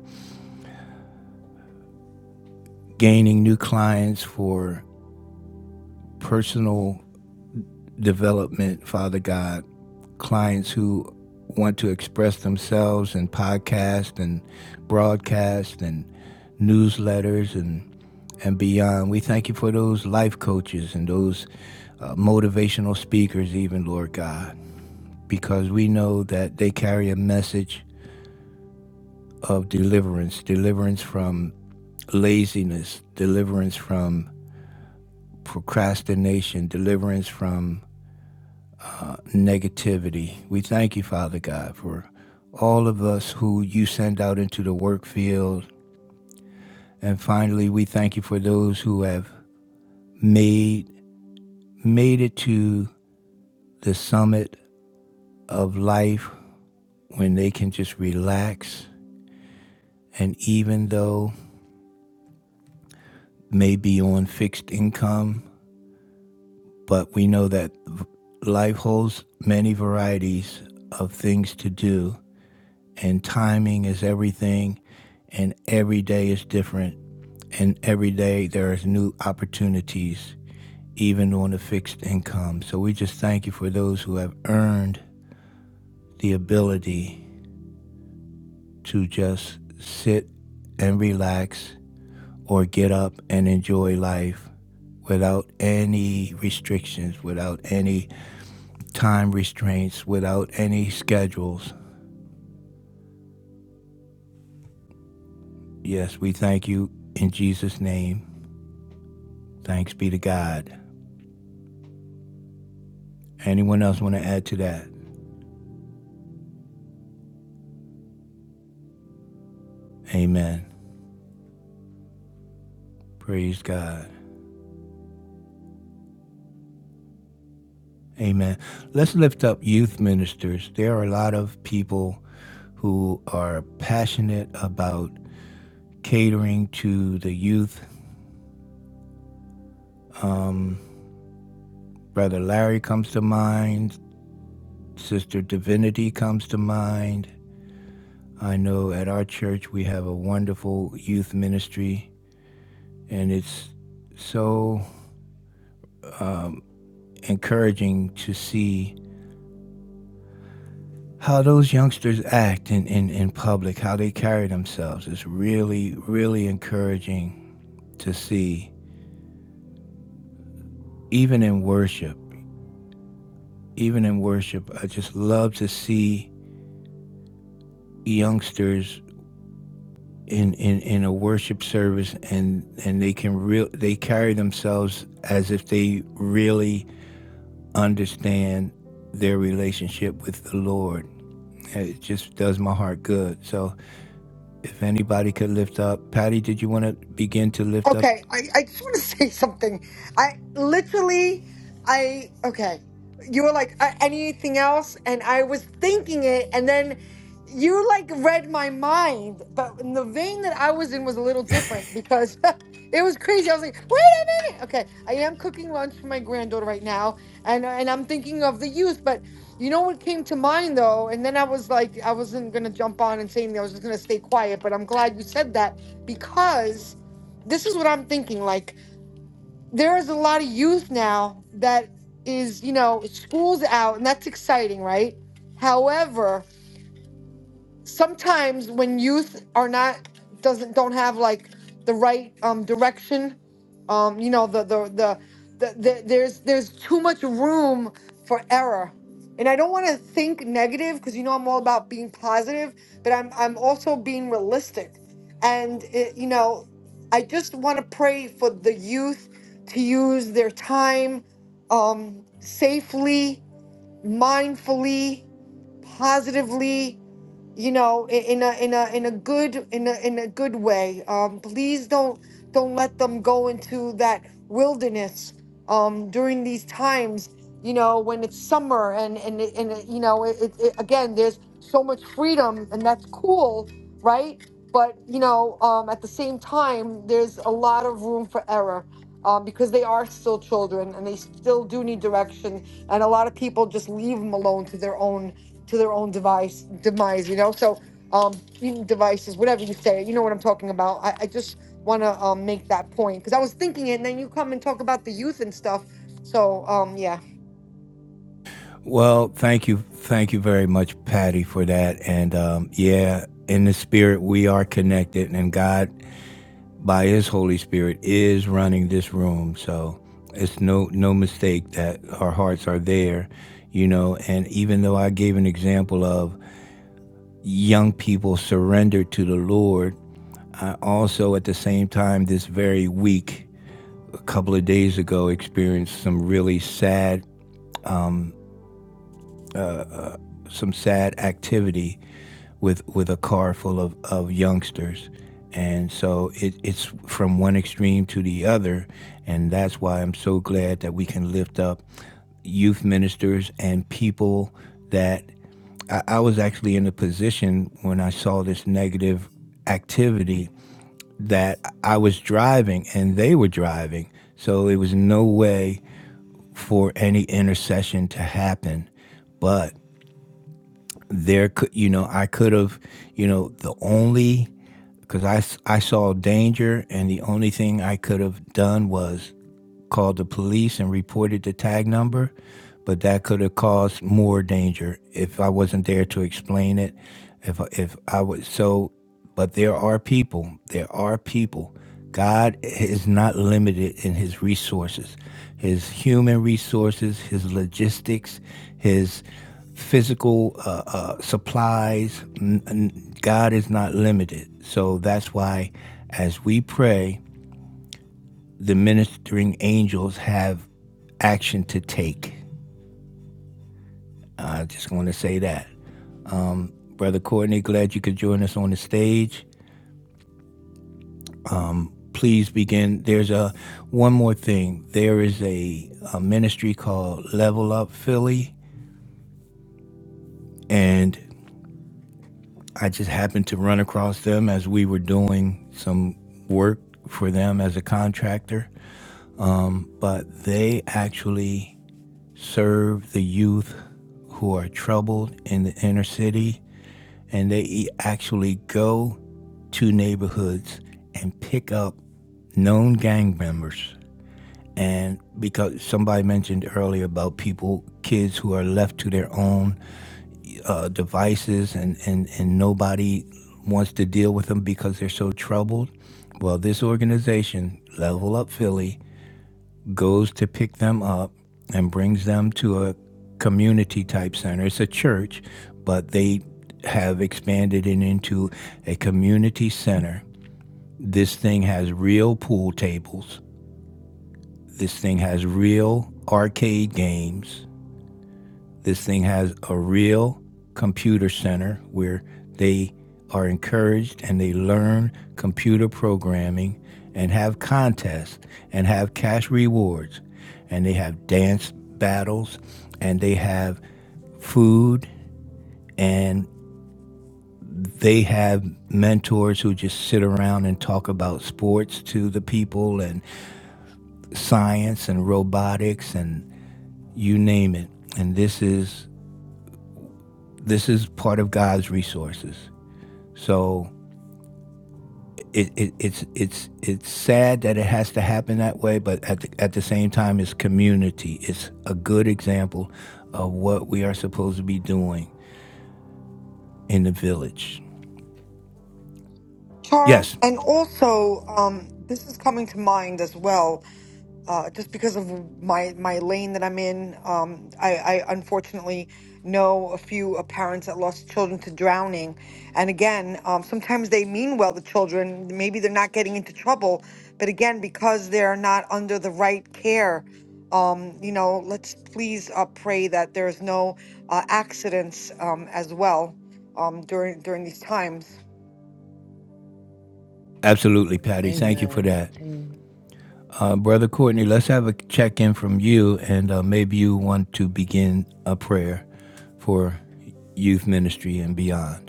gaining new clients for personal development, Father God, clients who want to express themselves in podcast and broadcast and newsletters and and beyond. We thank you for those life coaches and those uh, motivational speakers, even Lord God, because we know that they carry a message of deliverance, deliverance from laziness, deliverance from procrastination, deliverance from negativity. We thank you, Father God, for all of us who you send out into the work field. And finally, we thank you for those who have made made it to the summit of life when they can just relax and even though maybe on fixed income, but we know that life holds many varieties of things to do and timing is everything and every day is different and every day there's new opportunities, even on a fixed income. So we just thank you for those who have earned the ability to just sit and relax or get up and enjoy life without any restrictions, without any time restraints, without any schedules. Yes, we thank you in Jesus' name. Thanks be to God. Anyone else want to add to that? Amen. Praise God. Amen. Let's lift up youth ministers. There are a lot of people who are passionate about catering to the youth. Brother Larry comes to mind, Sister Divinity comes to mind. I know at our church we have a wonderful youth ministry, and it's so encouraging to see how those youngsters act in, in, in public, how they carry themselves. It's really, really encouraging to see. even in worship, even in worship, I just love to see youngsters in, in, in a worship service and, and they can real they carry themselves as if they really understand their relationship with the Lord. It just does my heart good. So if anybody could lift up, Patty, did you want to begin to lift up? Okay, I, I just want to say something. I literally, I, okay, you were like, "Uh, anything else? And I was thinking it, and then you like read my mind, but in the vein that I was in was a little different because it was crazy. I was like, wait a minute. Okay, I am cooking lunch for my granddaughter right now, and, and I'm thinking of the youth, but you know what came to mind though? And then I was like, I wasn't going to jump on and say anything, I was just going to stay quiet, but I'm glad you said that because this is what I'm thinking. Like, there is a lot of youth now that is, you know, school's out and that's exciting, right? However, sometimes when youth are not doesn't don't have like the right um direction um you know the the the, the, the there's there's too much room for error and i don't want to think negative because you know i'm all about being positive but i'm i'm also being realistic and it, you know i just want to pray for the youth to use their time um safely mindfully positively you know i- in a in a in a good in a in a good way um please don't don't let them go into that wilderness um during these times you know when it's summer and and it- and it- you know it, it, it- again there's so much freedom and that's cool right but you know um at the same time there's a lot of room for error um, because they are still children and they still do need direction and a lot of people just leave them alone to their own to their own device demise, you know. So um even devices, whatever you say, you know what I'm talking about. I, I just wanna um make that point because I was thinking it and then you come and talk about the youth and stuff. So um yeah. Well, thank you, thank you very much, Patty, for that. And um, yeah, in the spirit, we are connected, and God by His Holy Spirit is running this room. So it's no no mistake that our hearts are there, you know. And even though I gave an example of young people surrendered to the Lord, I also at the same time this very week, a couple of days ago, experienced some really sad some sad activity with with a car full of, of youngsters. And so it, it's from one extreme to the other. And that's why I'm so glad that we can lift up youth ministers and people that I, I was actually in a position when I saw this negative activity that I was driving and they were driving. So it was no way for any intercession to happen. But there could, you know, I could have, you know, the only because I I saw danger, and the only thing I could have done was called the police and reported the tag number, but that could have caused more danger if I wasn't there to explain it. If if I was so, but there are people. There are people. God is not limited in His resources, His human resources, His logistics, His physical uh, uh, supplies. God is not limited. So that's why, as we pray, the ministering angels have action to take. I just want to say that. Brother Courtney, glad you could join us on the stage. Please begin. There's a one more thing. There is a, a ministry called Level Up Philly, and I just happened to run across them as we were doing some work for them as a contractor. But they actually serve the youth who are troubled in the inner city and they e- actually go to neighborhoods and pick up known gang members. And because somebody mentioned earlier about people, kids who are left to their own uh, devices and, and, and nobody wants to deal with them because they're so troubled. Well, this organization, Level Up Philly, goes to pick them up and brings them to a community type center. It's a church, but they have expanded it into a community center. This thing has real pool tables. This thing has real arcade games. This thing has a real computer center where they are encouraged and they learn computer programming and have contests and have cash rewards and they have dance battles and they have food and they have mentors who just sit around and talk about sports to the people and science and robotics and you name it and this is this is part of God's resources So it, it it's it's it's sad that it has to happen that way, but at the, at the same time, it's community. It's a good example of what we are supposed to be doing in the village. Charles, Yes, and also um this is coming to mind as well. uh, just because of my my lane that I'm in. Um, I, I unfortunately know a few uh, parents that lost children to drowning, and again, um, sometimes they mean well. The children maybe they're not getting into trouble, but again, because they're not under the right care. Um, you know, let's please uh, pray that there's no uh, accidents um, as well um, during during these times. absolutely, Patty. Thank you for Amen. that, Amen. uh, brother Courtney. Let's have a check in from you, and uh, maybe you want to begin a prayer for youth ministry and beyond.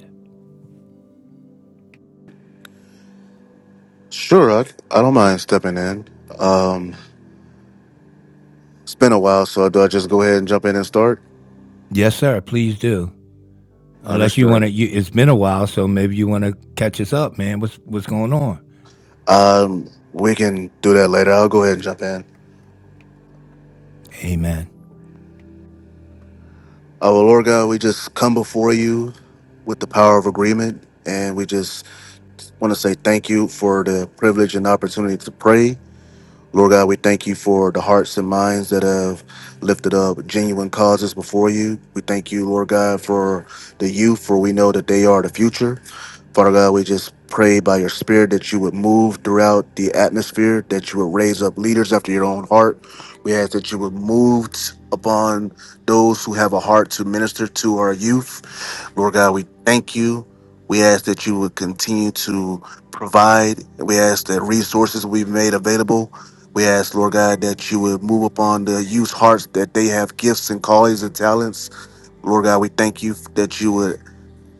Sure, I, I don't mind stepping in. Um, it's been a while, so do I just go ahead and jump in and start? Yes, sir. Please do. Unless you want Understood. to, it's been a while, so maybe you want to catch us up, man. What's what's going on? Um, we can do that later. I'll go ahead and jump in. Amen. Our Lord God, we just come before you with the power of agreement, and we just want to say thank you for the privilege and opportunity to pray. Lord God, we thank you for the hearts and minds that have lifted up genuine causes before you. We thank you, Lord God, for the youth, for we know that they are the future. Father God, we just pray by your spirit that you would move throughout the atmosphere, that you would raise up leaders after your own heart. We ask that you would move t- upon those who have a heart to minister to our youth. Lord God, we thank you. We ask that you would continue to provide. We ask that resources we've made available. We ask, Lord God, that you would move upon the youth hearts that they have gifts and callings and talents. Lord God, we thank you that you would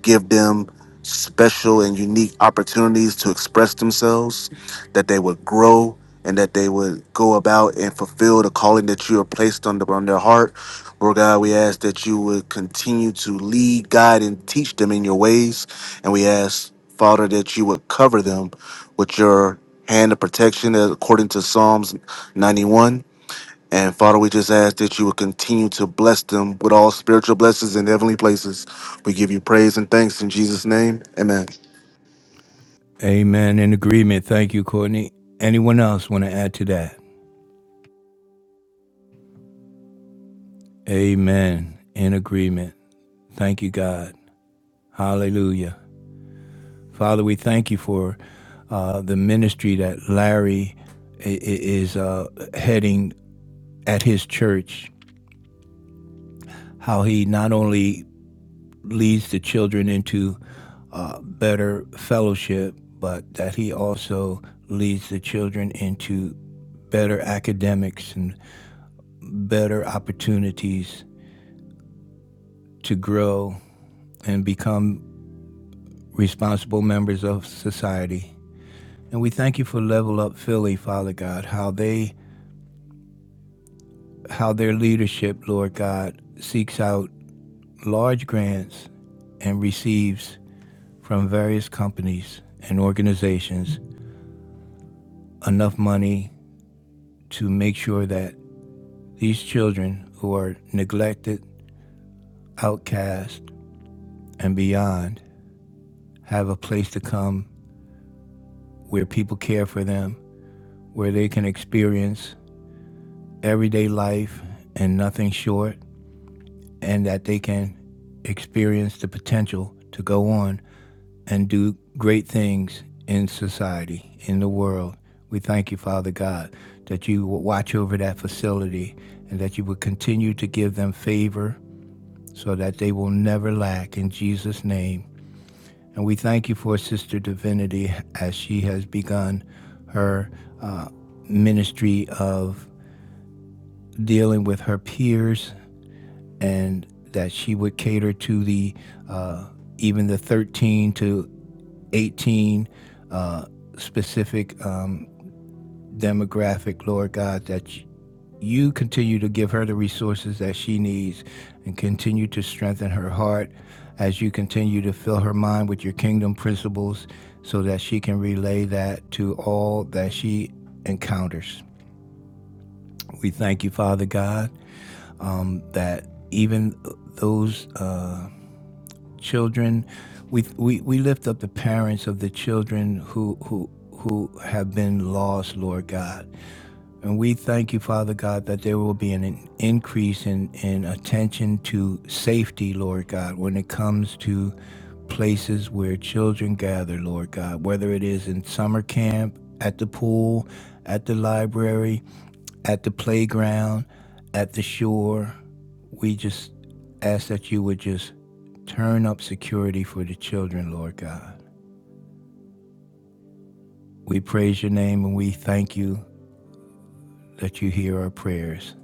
give them special and unique opportunities to express themselves, that they would grow and that they would go about and fulfill the calling that you have placed on, the, on their heart. Lord God, we ask that you would continue to lead, guide, and teach them in your ways. And we ask, Father, that you would cover them with your hand of protection according to Psalms 91. And Father, we just ask that you would continue to bless them with all spiritual blessings in heavenly places. We give you praise and thanks in Jesus' name. Amen. Amen. In agreement. Thank you, Courtney. Anyone else want to add to that? Amen. In agreement. Thank you, God. Hallelujah. Father, we thank you for uh, the ministry that Larry i- i- is uh, heading at his church, how he not only leads the children into uh, better fellowship, but that he also leads the children into better academics and better opportunities to grow and become responsible members of society. And we thank you for Level Up Philly, Father God, how they how their leadership, Lord God, seeks out large grants and receives from various companies and organizations enough money to make sure that these children who are neglected, outcast, and beyond have a place to come where people care for them, where they can experience everyday life and nothing short, and that they can experience the potential to go on and do great things in society, in the world. We thank you, Father God, that you will watch over that facility and that you will continue to give them favor so that they will never lack in Jesus' name. And we thank you for Sister Divinity as she has begun her uh, ministry of dealing with her peers and that she would cater to the uh, even the 13 to 18 uh, specific um, demographic, Lord God, that you continue to give her the resources that she needs and continue to strengthen her heart as you continue to fill her mind with your kingdom principles so that she can relay that to all that she encounters. We thank you, Father God, um, that even those. Uh, children. We, we, we lift up the parents of the children who, who, who have been lost, Lord God. And we thank you, Father God, that there will be an increase in, in attention to safety, Lord God, when it comes to places where children gather, Lord God, whether it is in summer camp, at the pool, at the library, at the playground, at the shore. We just ask that you would just turn up security for the children, Lord God. We praise your name and we thank you that you hear our prayers.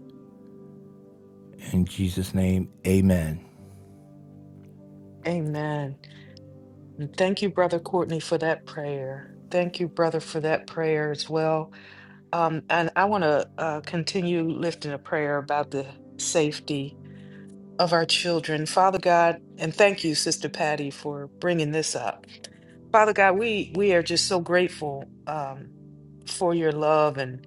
In Jesus' name, amen. Amen. And thank you, Brother Courtney, for that prayer. Thank you, Brother, for that prayer as well. Um, and I want to uh, continue lifting a prayer about the safety of our children. Father God, and thank you, Sister Patty, for bringing this up. Father God, we, we are just so grateful um, for your love and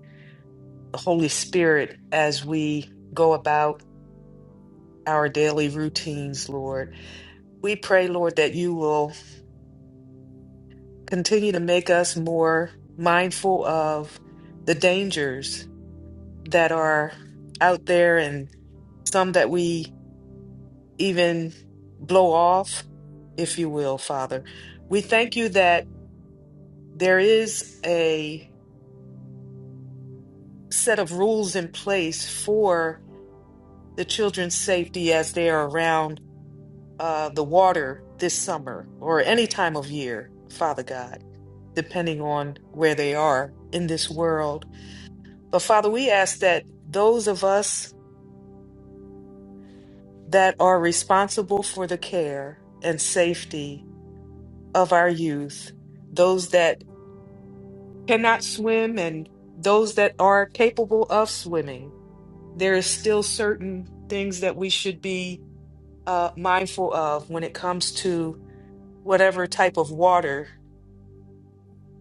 the Holy Spirit as we go about our daily routines, Lord. We pray, Lord, that you will continue to make us more mindful of the dangers that are out there and some that we even blow off, if you will, Father. We thank you that there is a set of rules in place for the children's safety as they are around uh, the water this summer or any time of year, Father God, depending on where they are in this world. But Father, we ask that those of us that are responsible for the care and safety of our youth, those that cannot swim and those that are capable of swimming. There is still certain things that we should be uh, mindful of when it comes to whatever type of water,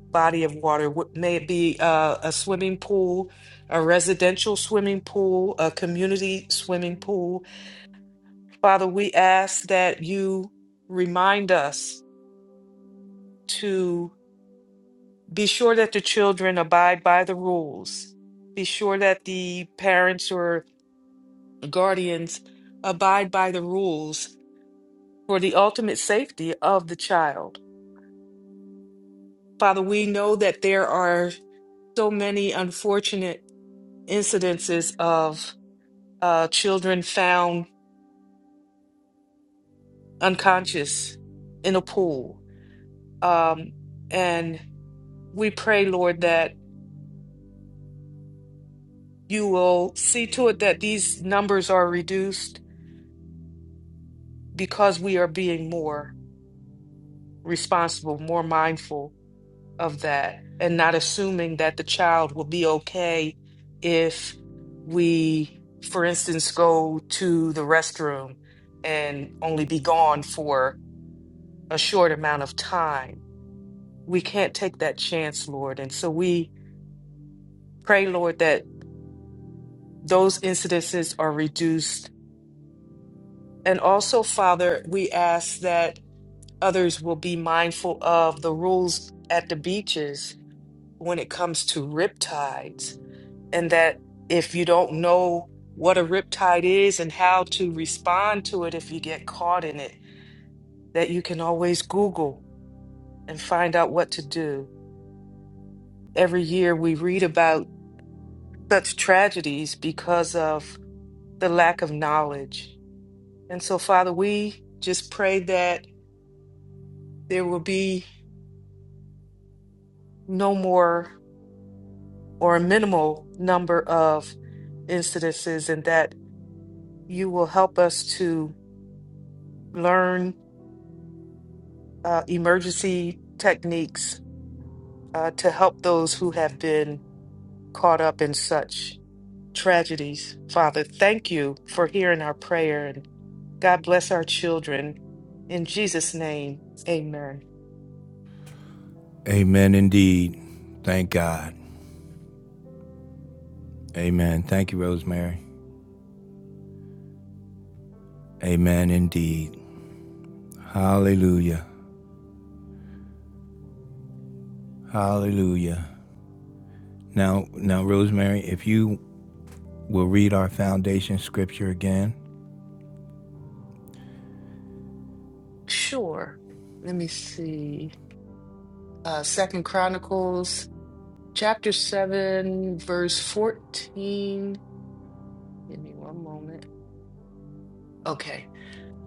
body of water, wh- may it be uh, a swimming pool, a residential swimming pool, a community swimming pool. Father, we ask that you remind us to be sure that the children abide by the rules. Be sure that the parents or guardians abide by the rules for the ultimate safety of the child. Father, we know that there are so many unfortunate incidences of uh, children found unconscious in a pool. Um, and we pray, Lord, that you will see to it that these numbers are reduced because we are being more responsible, more mindful of that and not assuming that the child will be okay if we, for instance, go to the restroom and only be gone for a short amount of time. We can't take that chance, Lord. And so we pray, Lord, that those incidences are reduced. And also, Father, we ask that others will be mindful of the rules at the beaches when it comes to riptides and that if you don't know what a riptide is and how to respond to it if you get caught in it, that you can always Google and find out what to do. Every year we read about such tragedies because of the lack of knowledge. And so, Father, we just pray that there will be no more or a minimal number of incidences and that you will help us to learn uh, emergency techniques uh, to help those who have been caught up in such tragedies. Father, thank you for hearing our prayer and God bless our children. In Jesus' name, amen. Amen indeed. Thank God. Amen. Thank you, Rosemary. Amen indeed. Hallelujah. Hallelujah. Now, now, Rosemary, if you will read our foundation scripture again, Sure. Let me see. Uh, Second Chronicles chapter 7, verse 14. Give me one moment. Okay.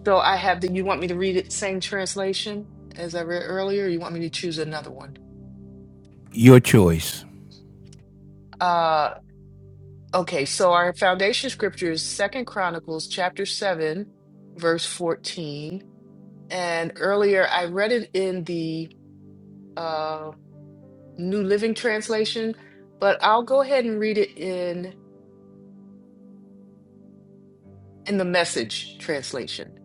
So I have the, you want me to read it, same translation as I read earlier? or you want me to choose another one? your choice. Uh, Okay, so our foundation scripture is Second Chronicles chapter 7, verse 14. And earlier I read it in the uh New Living Translation, but I'll go ahead and read it in in the Message translation.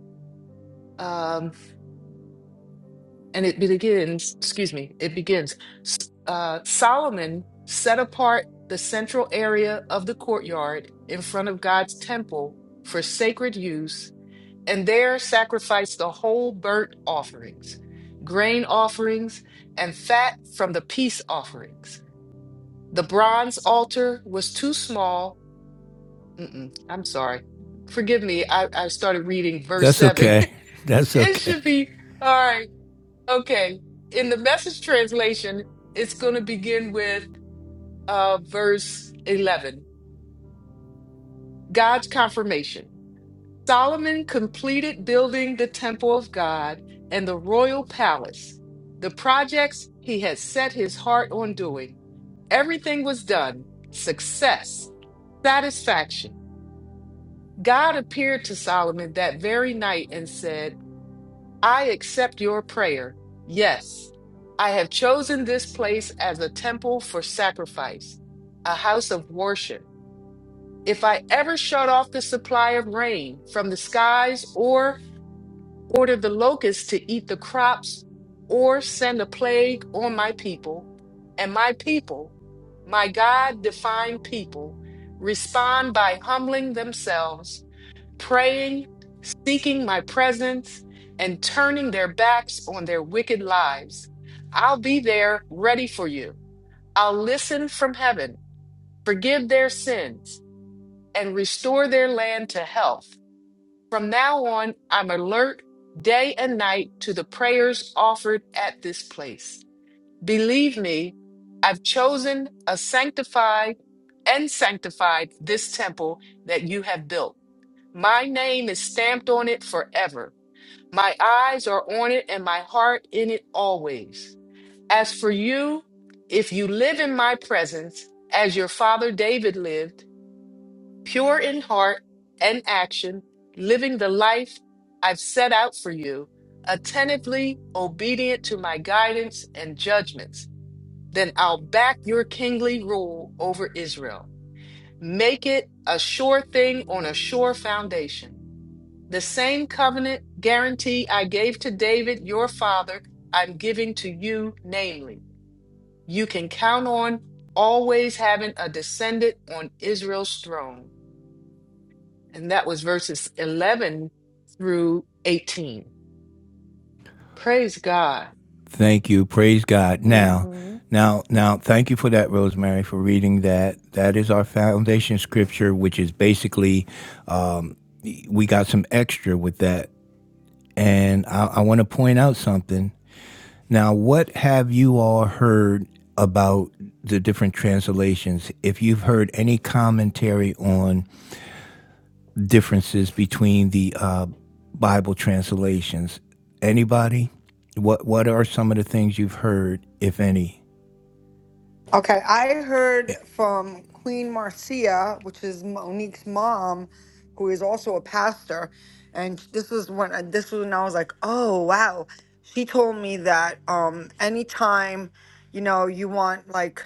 Um, and it begins, excuse me, it begins, S- uh, Solomon set apart the central area of the courtyard in front of God's temple for sacred use and there sacrificed the whole burnt offerings, grain offerings, and fat from the peace offerings. The bronze altar was too small. Mm-mm, I'm sorry. Forgive me. I, I started reading verse That's 7. okay. That's it okay. should be all right. Okay. In the message translation, it's going to begin with uh, verse 11 God's confirmation. Solomon completed building the temple of God and the royal palace, the projects he had set his heart on doing. Everything was done. Success, satisfaction. God appeared to Solomon that very night and said, I accept your prayer. Yes, I have chosen this place as a temple for sacrifice, a house of worship. If I ever shut off the supply of rain from the skies or order the locusts to eat the crops, or send a plague on my people. And my people, my God defined people, respond by humbling themselves, praying, seeking my presence, and turning their backs on their wicked lives. I'll be there ready for you. I'll listen from heaven, forgive their sins, and restore their land to health. From now on, I'm alert day and night to the prayers offered at this place. Believe me, I've chosen a sanctified and sanctified this temple that you have built. My name is stamped on it forever. My eyes are on it and my heart in it always. As for you, if you live in my presence, as your father David lived, pure in heart and action, living the life I've set out for you, attentively obedient to my guidance and judgments, then I'll back your kingly rule over Israel. Make it a sure thing on a sure foundation. The same covenant guarantee I gave to David, your father, I'm giving to you, namely, you can count on always having a descendant on Israel's throne. And that was verses 11 through 18. Praise God. Thank you. Praise God. Now, hmm now, now, thank you for that, Rosemary, for reading that. That is our foundation scripture, which is basically, we got some extra with that. And I, I want to point out something. Now, what have you all heard about the different translations? If you've heard any commentary on differences between the uh, Bible translations. Anybody? What What are some of the things you've heard, if any? Okay, I heard from Queen Marcia, which is Monique's mom, who is also a pastor, and this was when I- this was when I was like, "Oh, wow." She told me that um anytime, you know, you want like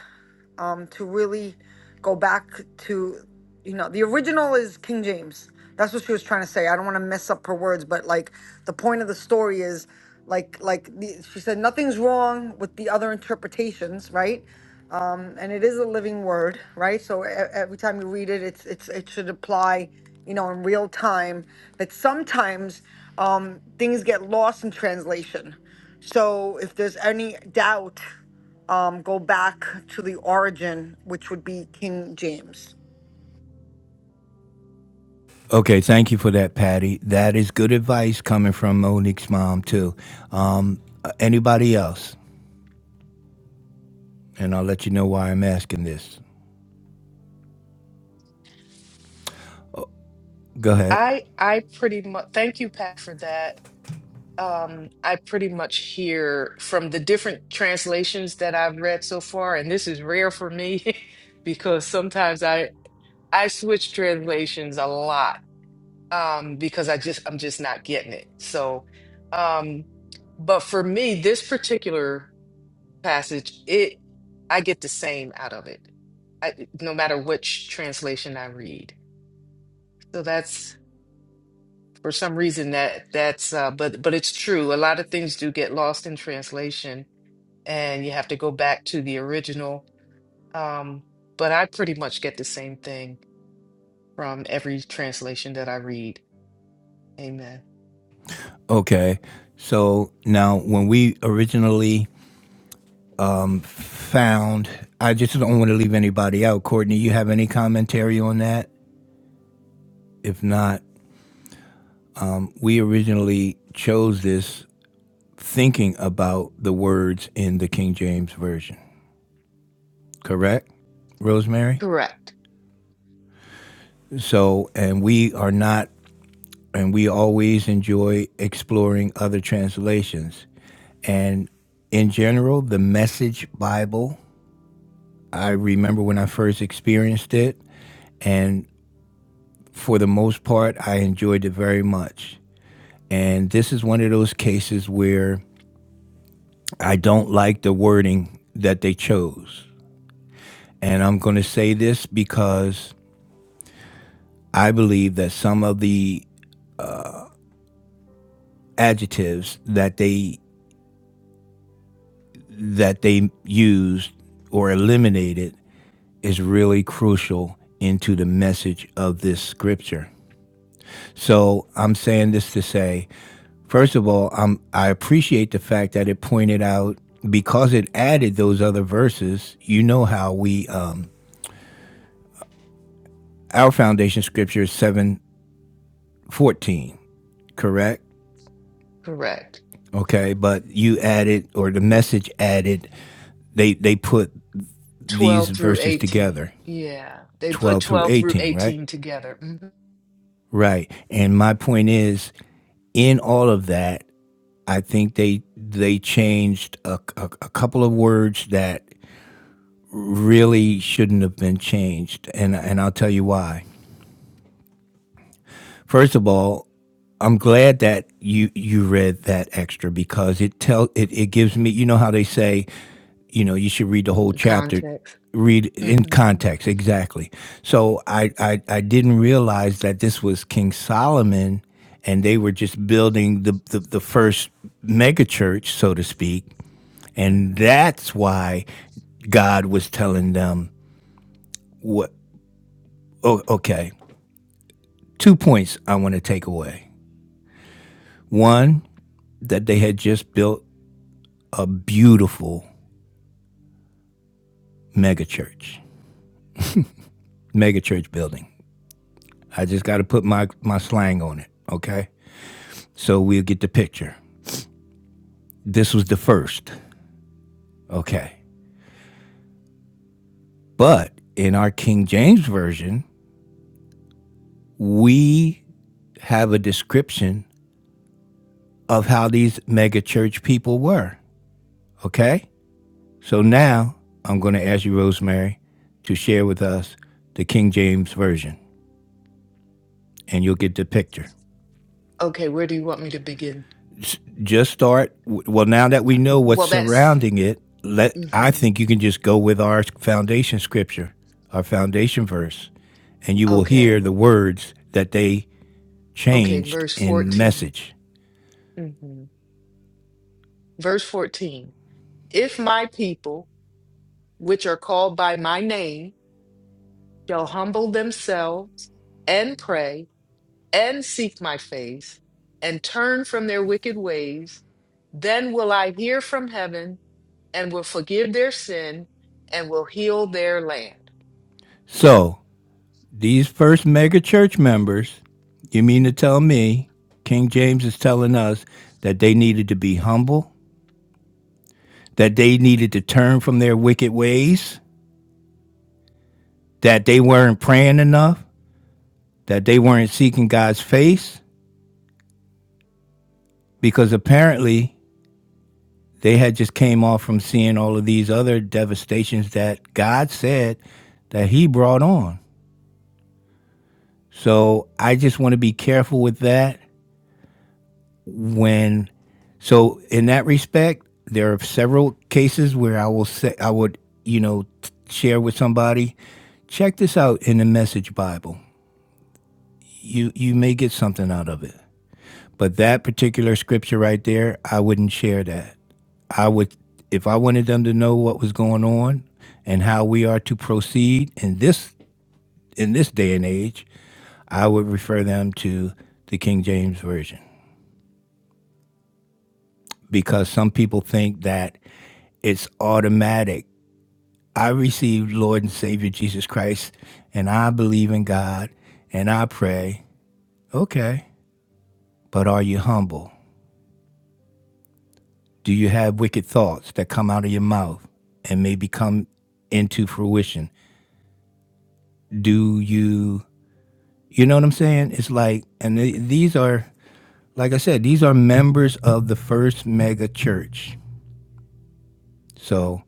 um to really go back to, you know, the original is King James. That's what she was trying to say. I don't want to mess up her words, but like the point of the story is like like the, she said nothing's wrong with the other interpretations, right? um, and it is a living word, right? So e- every time you read it, it's it's it should apply, you know, in real time. But sometimes um, things get lost in translation. So if there's any doubt, um, go back to the origin, which would be King James. Okay, thank you for that, Patty. That is good advice coming from Monique's mom too. Um, uh, anybody else? And I'll let you know why I'm asking this. Go ahead. I I pretty much thank you, Pat, for that. Um, I pretty much hear from the different translations that I've read so far, and this is rare for me because sometimes I I switch translations a lot um, because I just I'm just not getting it. So, um, but for me, this particular passage, it I get the same out of it, I, no matter which translation I read. So that's for some reason that that's uh, but but it's true. A lot of things do get lost in translation, and you have to go back to the original. Um, but I pretty much get the same thing from every translation that I read. Amen. Okay. So now, when we originally found, I just don't want to leave anybody out. Courtney, you have any commentary on that? If not, we originally chose this thinking about the words in the King James Version, correct, Rosemary? Correct. So, and we are not, and we always enjoy exploring other translations. And in general, the Message Bible, I remember when I first experienced it, and for the most part, I enjoyed it very much. And this is one of those cases where I don't like the wording that they chose And I'm going to say this because I believe that some of the adjectives that they that they used or eliminated is really crucial into the message of this scripture. So I'm saying this to say, first of all, I'm, I appreciate the fact that it pointed out because it added those other verses. You know how we um, our foundation scripture is seven fourteen, correct? Correct. okay but you added or the message added they they put these 12 through verses 18. together Yeah. They put 12 through 12 through 18 right 18 together. Mm-hmm. right and my point is in all of that i think they they changed a, a, a couple of words that really shouldn't have been changed and and i'll tell you why first of all i'm glad that you you read that extra because it tell it, it gives me you know how they say you know, you should read the Yeah, whole the chapter. context. Read in hmm context exactly. So I, I I didn't realize that this was King Solomon, and they were just building the the, the first mega church, so to speak, and hmm that's why God was telling them what. Oh, okay, two points I want to take away. One that they had just built a beautiful mega church, mega church building. I just got to put my my slang on it. Okay, So we'll get the picture. This was the first. Okay. But in our King James Version, we have a description of how these mega church people were. Okay? So now I'm going to ask you, Rosemary, to share with us the King James Version, and you'll get the picture. Okay, where do you want me to begin? Just start. Well, now that we know what's Well, that's surrounding it, let I hmm think you can just go with our foundation scripture, our foundation verse, and you will hear okay. the words that they Okay, changed verse in 14. message. hmm Verse 14. If my people, which are called by my name, shall humble themselves and pray and seek my face and turn from their wicked ways, then will I hear from heaven and will forgive their sin and will heal their land. So these first mega church members, you mean to tell me, King James is telling us that they needed to be humble, that they needed to turn from their wicked ways, that they weren't praying enough, that they weren't seeking God's face, because apparently they had just came off from seeing all of these other devastations that God said that he brought on. So I just want to be careful with that when so in that respect there are several cases where I will say I would you know share with somebody check this out in the message bible you you may get something out of it but that particular scripture right there I wouldn't share that I would, if I wanted them to know what was going on and how we are to proceed in this in this day and age, I would refer them to the King James version because some people think that it's automatic. I received Lord and Savior Jesus Christ, and I believe in God, and I pray. Okay, but are you humble? Do you have wicked thoughts that come out of your mouth and may become into fruition? Do you You know what I'm saying? It's like, and th- these are, like I said, these are members of the first mega church. So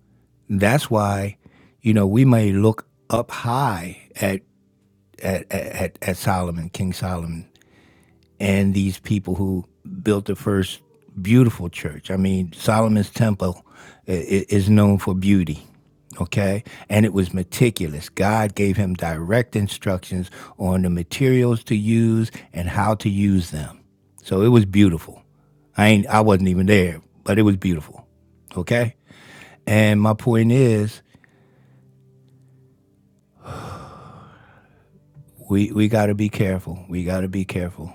that's why, you know, we may look up high at at, at, at Solomon, King Solomon, and these people who built the first beautiful church. I mean, Solomon's Temple is known for beauty, okay? And it was meticulous. God gave him direct instructions on the materials to use and how to use them. So it was beautiful. I ain't I wasn't even there, but it was beautiful. Okay? And my point is we we got to be careful. We got to be careful.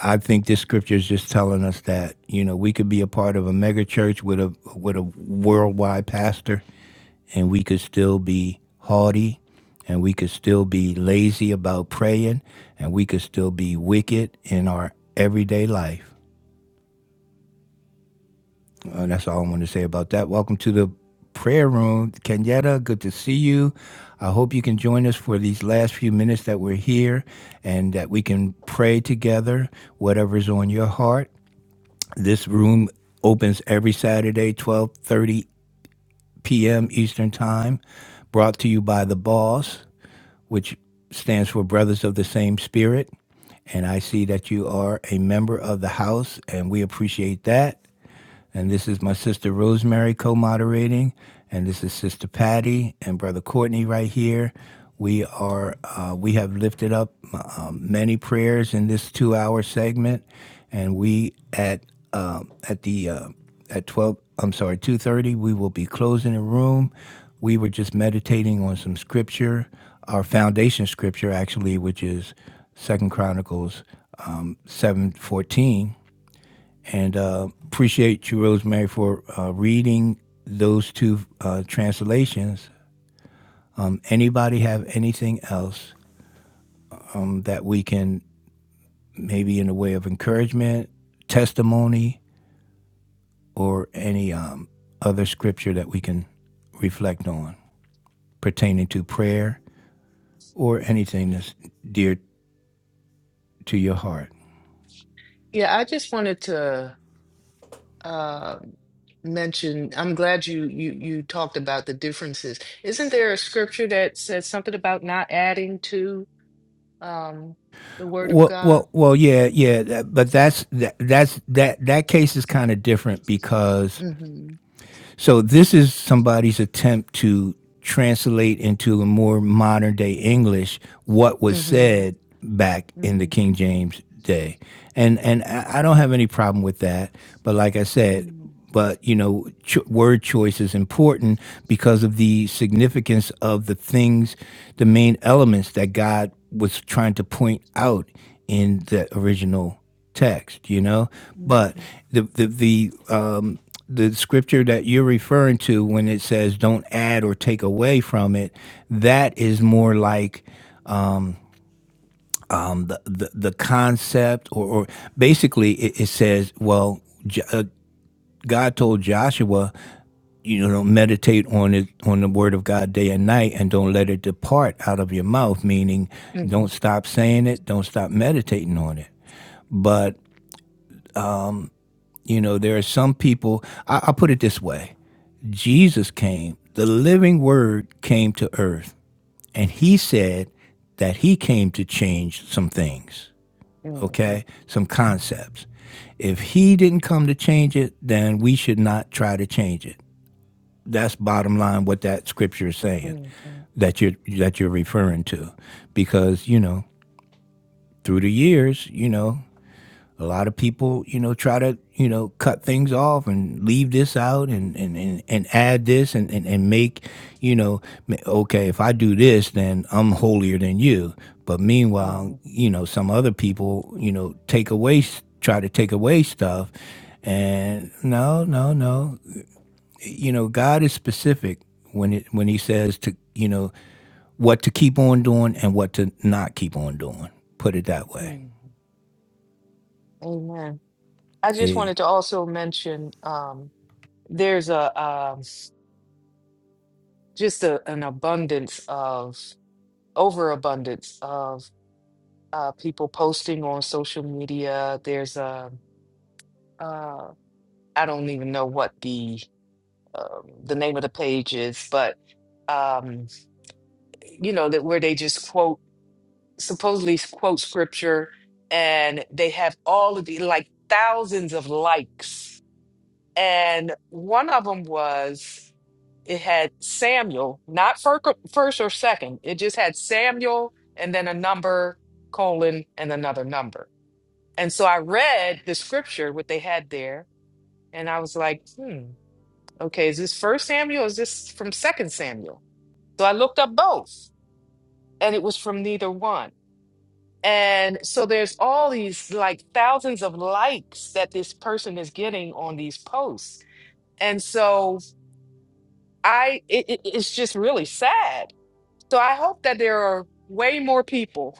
I think this scripture is just telling us that you know we could be a part of a mega church with a with a worldwide pastor, and we could still be haughty, and we could still be lazy about praying, and we could still be wicked in our everyday life. Uh, that's all I want to say about that. Welcome to the prayer room, Kenyatta. Good to see you. I hope you can join us for these last few minutes that we're here, and that we can pray together. Whatever's on your heart This room opens every Saturday, 12:30 p.m. Eastern Time, brought to you by The Boss, which stands for Brothers of the Same Spirit. And I see that you are a member of the house, and we appreciate that. And this is my sister Rosemary co moderating. And this is Sister Patty and Brother Courtney right here. We are uh, we have lifted up um, many prayers in this two hour segment, and we at um, at the uh, at twelve I'm sorry two thirty we will be closing the room. We were just meditating on some scripture, our foundation scripture actually, which is Second Chronicles um, seven fourteen and uh, appreciate you, Rosemary, for uh, reading those two uh, translations. Anybody have anything else um, that we can maybe in the way of encouragement, testimony, or any um, other scripture that we can reflect on pertaining to prayer or anything that's dear to your heart? Yeah, I just wanted to uh, mention, I'm glad you, you you talked about the differences. Isn't there a scripture that says something about not adding to um, the word of Well, God? well, well, yeah, yeah, but that's that, that's that that case is kind of different because Mm-hmm. So this is somebody's attempt to translate into a more modern day English what was said Mm-hmm. back in the Mm-hmm. King James day. And and I don't have any problem with that. But like I said, Mm-hmm. but you know cho- word choice is important because of the significance of the things the main elements that god was trying to point out in the original text you know but Mm-hmm. the the, the um the scripture that you're referring to when it says don't add or take away from it that is more like um, the, the the concept or, or basically it, it says well J- uh, god told joshua you know meditate on it on the word of god day and night and don't let it depart out of your mouth meaning don't stop saying it don't stop meditating on it but you know there are some people I, i'll put it this way jesus came the living word came to earth and he said that he came to change some things Mm-hmm. okay some concepts if he didn't come to change it then we should not try to change it that's bottom line what that scripture is saying Mm-hmm. that you're that you're referring to, because you know through the years, you know a lot of people you know try to you know cut things off and leave this out and and and, and add this and, and and make you know okay if i do this then i'm holier than you but meanwhile Mm-hmm. you know some other people you know take away try to take away stuff and no no no you know god is specific when it when he says to you know what to keep on doing and what to not keep on doing. Put it that way. Amen. I just wanted to also mention um, there's a um just a, an abundance of overabundance of. uh, people posting on social media. There's a, uh, I don't even know what the um, the name of the page is, but um, you know that where they just quote supposedly quote scripture, and they have all of the like thousands of likes, and one of them was it had Samuel, not fir- first or second. It just had Samuel and then a number colon and another number And so I read the scripture, what they had there, and I was like, hmm, okay, is this first Samuel or is this from second Samuel? So I looked up both, and it was from neither one. And so there's all these like thousands of likes that this person is getting on these posts. And so I it, it- it's just really sad. So I hope that there are way more people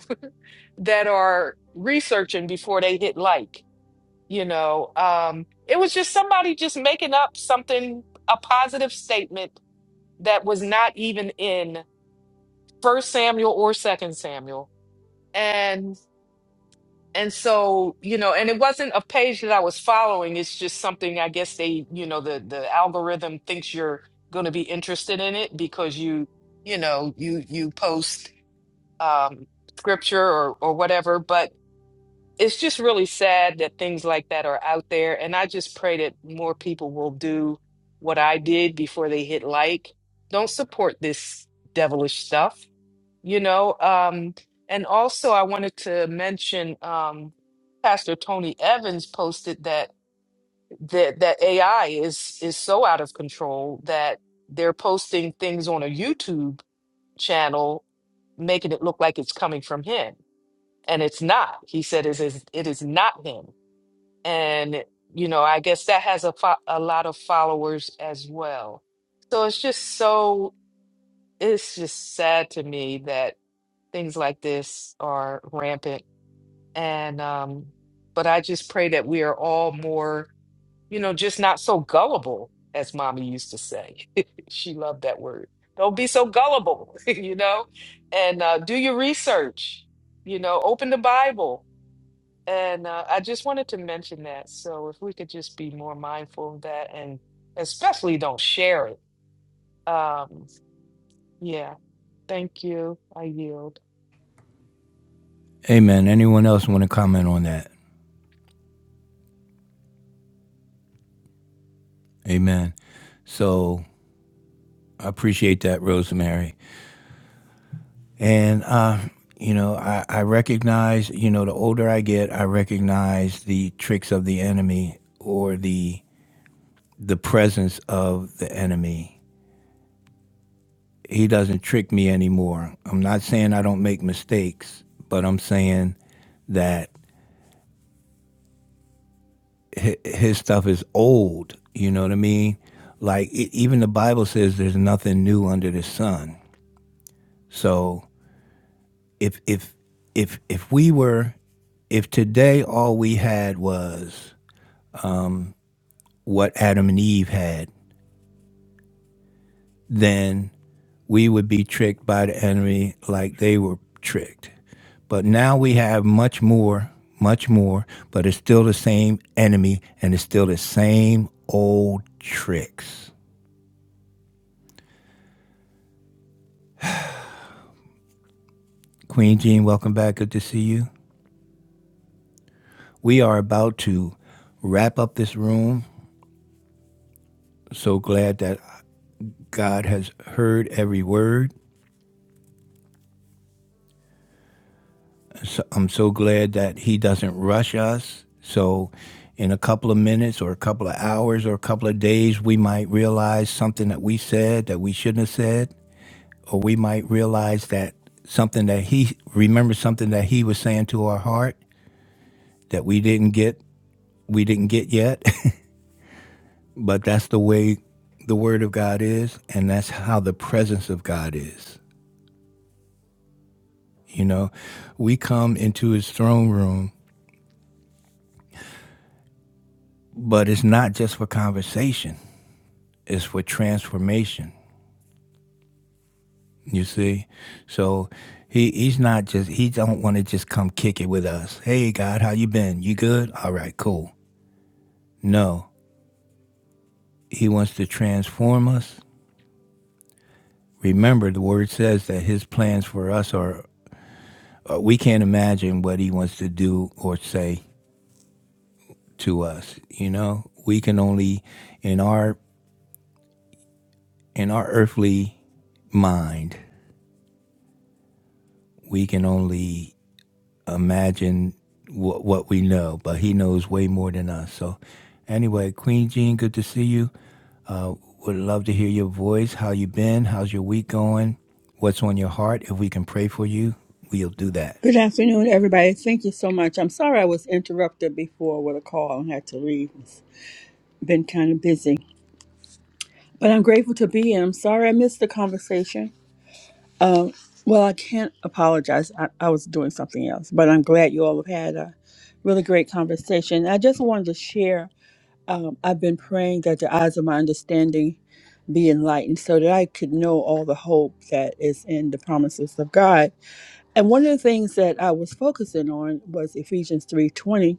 that are researching before they hit like you know um it was just somebody just making up something a positive statement that was not even in first samuel or second samuel and and so you know and it wasn't a page that i was following it's just something i guess they you know the the algorithm thinks you're going to be interested in it because you you know you you post um scripture or or whatever but. it's just really sad that things like that are out there. And I just pray that more people will do what I did before they hit like. Don't support this devilish stuff, you know? Um, and also, I wanted to mention um, Pastor Tony Evans posted that, that that AI is is so out of control that they're posting things on a YouTube channel, making it look like it's coming from him, and it's not. He said, "It is it is not him." and you know i guess that has a fo- a lot of followers as well so it's just so it's just sad to me that things like this are rampant and um but i just pray that we are all more you know just not so gullible as mommy used to say she loved that word don't be so gullible you know and uh do your research you know open the bible and uh, I just wanted to mention that. So if we could just be more mindful of that and especially don't share it. Um, yeah, thank you. I yield. Amen. Anyone else want to comment on that? Amen. So I appreciate that, Rosemary. And, uh, you know, I, I recognize, you know, the older I get, I recognize the tricks of the enemy or the the presence of the enemy. He doesn't trick me anymore. I'm not saying I don't make mistakes, but I'm saying that his stuff is old. You know what I mean? Like e- even the Bible says there's nothing new under the sun. So if if if if we were if today all we had was what Adam and Eve had, then we would be tricked by the enemy like they were tricked. But now we have much more, much more, but it's still the same enemy and it's still the same old tricks. Queen Jean, welcome back. Good to see you. We are about to wrap up this room. So glad that God has heard every word. So I'm so glad that He doesn't rush us. So, in a couple of minutes or a couple of hours or a couple of days, we might realize something that we said that we shouldn't have said, or we might realize that something that He remember something that He was saying to our heart that we didn't get we didn't get yet But that's the way the Word of God is, and that's how the presence of God is. You know, we come into His throne room, but it's not just for conversation, it's for transformation. You see? So he, he's not just he don't want to just come kick it with us. Hey God, how you been? You good? All right, cool. No. He wants to transform us. Remember the word says that his plans for us are uh, we can't imagine what he wants to do or say to us. You know, we can only in our in our earthly mind, we can only imagine what what we know, but he knows way more than us. So, anyway, Queen Jean, good to see you. Uh, would love to hear your voice. How you been? How's your week going? What's on your heart? If we can pray for you, we'll do that. Good afternoon, everybody. Thank you so much. I'm sorry I was interrupted before with a call and had to leave. It's been kind of busy, but I'm grateful to be in. I'm sorry I missed the conversation. Um, well, I can't apologize. I, I was doing something else, but I'm glad you all have had a really great conversation. I just wanted to share. Um, I've been praying that the eyes of my understanding be enlightened so that I could know all the hope that is in the promises of God And one of the things that I was focusing on was Ephesians 3:20,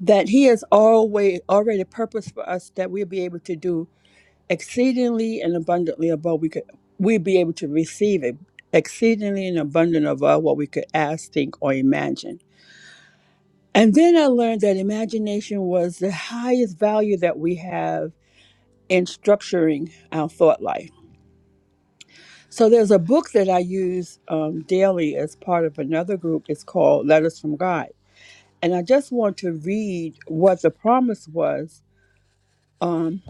that he has always already purposed for us that we'll be able to do exceedingly and abundantly above we could we'll be able to receive it exceedingly and abundant above what we could ask, think, or imagine. And then I learned that imagination was the highest value that we have in structuring our thought life. So there's a book that I use um, daily as part of another group. It's called Letters from God And I just want to read what the promise was um,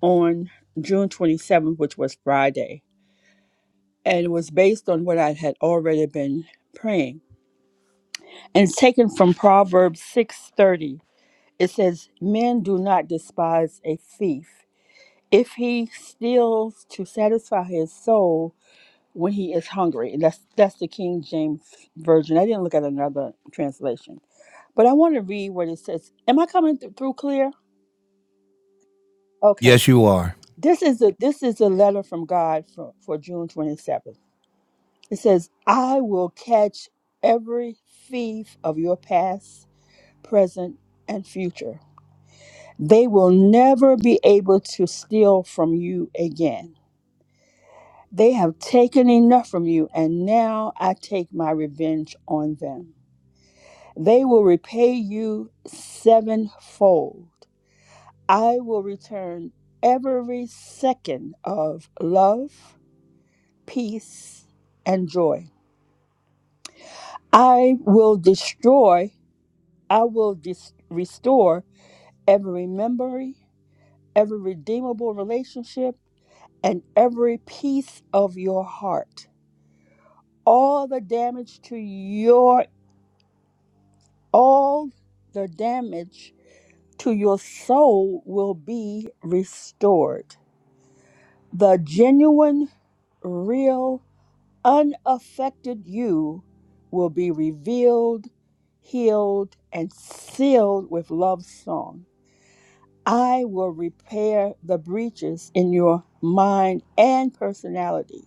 on June 27th, which was Friday. And it was based on what I had already been praying. And it's taken from Proverbs 6:30. It says, "Men do not despise a thief if he steals to satisfy his soul when he is hungry." And that's that's the King James version. I didn't look at another translation. But I want to read what it says. Am I coming th- through clear? Okay. Yes, you are. This is a this is a letter from God for, for June 27th. It says, "I will catch every thief of your past, present, and future. They will never be able to steal from you again. They have taken enough from you, and now I take my revenge on them. They will repay you sevenfold. I will return every second of love." peace, and joy. I will destroy, I will dis- restore every memory, every redeemable relationship, and every piece of your heart. All the damage to your, all the damage to your soul will be restored. The genuine, real unaffected you will be revealed, healed, and sealed with love's song. I will repair the breaches in your mind and personality.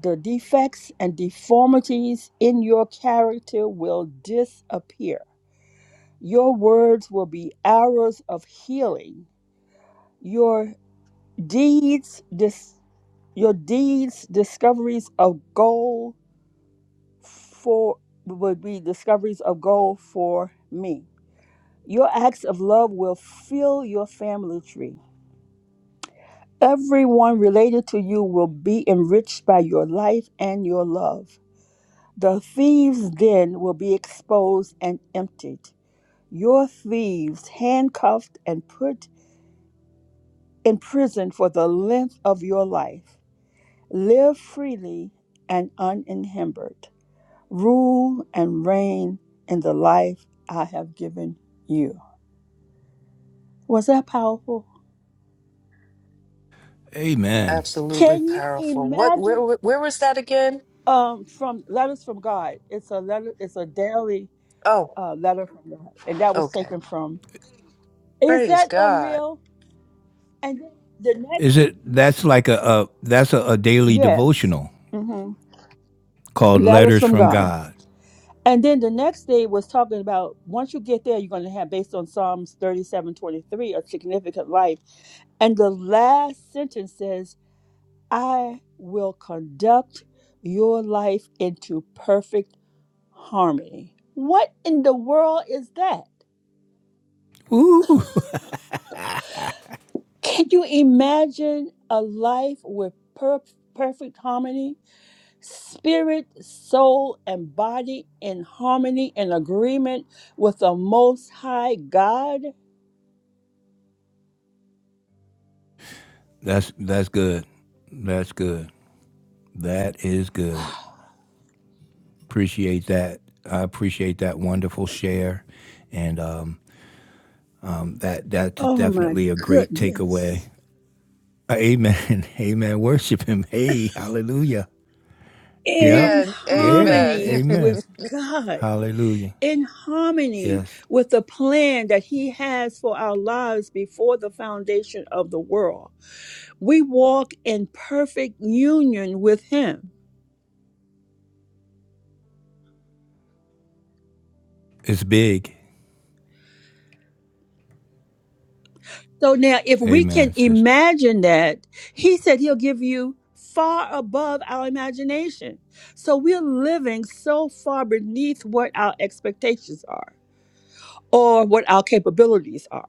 The defects and deformities in your character will disappear. Your words will be arrows of healing. Your deeds, dis- your deeds, discoveries of gold for would be discoveries of gold for me. Your acts of love will fill your family tree. Everyone related to you will be enriched by your life and your love. The thieves' den will be exposed and emptied. Your thieves handcuffed and put in prison for the length of your life. Live freely and unencumbered. Rule and reign in the life I have given you. Was that powerful? Amen. Absolutely Can you powerful. What where imagine? where where was that again? Um, from letters from God. It's a letter. It's a daily Oh, uh, letter from God, and that was okay. taken from. Is Praise that God. unreal? And then the next, Is it that's like a, a that's a, a daily yes, devotional hmm called letters Letters from from God. God. And then the next day was talking about once you get there, you're going to have based on Psalms 37 23 a significant life. And the last sentence says I will conduct your life into perfect harmony. What in the world is that? Ooh, Can you imagine a life with per- perfect harmony? Spirit, soul, and body in harmony and agreement with the Most High God? That's that's good. That's good. That is good. Appreciate that. I appreciate that wonderful share, and um, that that's Oh my definitely a great takeaway. goodness. Amen. Amen. Worship Him. Hey, Hallelujah. Yep. In Amen. Yeah. harmony Amen. Amen. with God. Hallelujah. in harmony Yes. with the plan that He has for our lives before the foundation of the world. We walk in perfect union with Him. It's big. So now, if we can Amen, sister. imagine that, He said He'll give you far above our imagination. So we're living so far beneath what our expectations are or what our capabilities are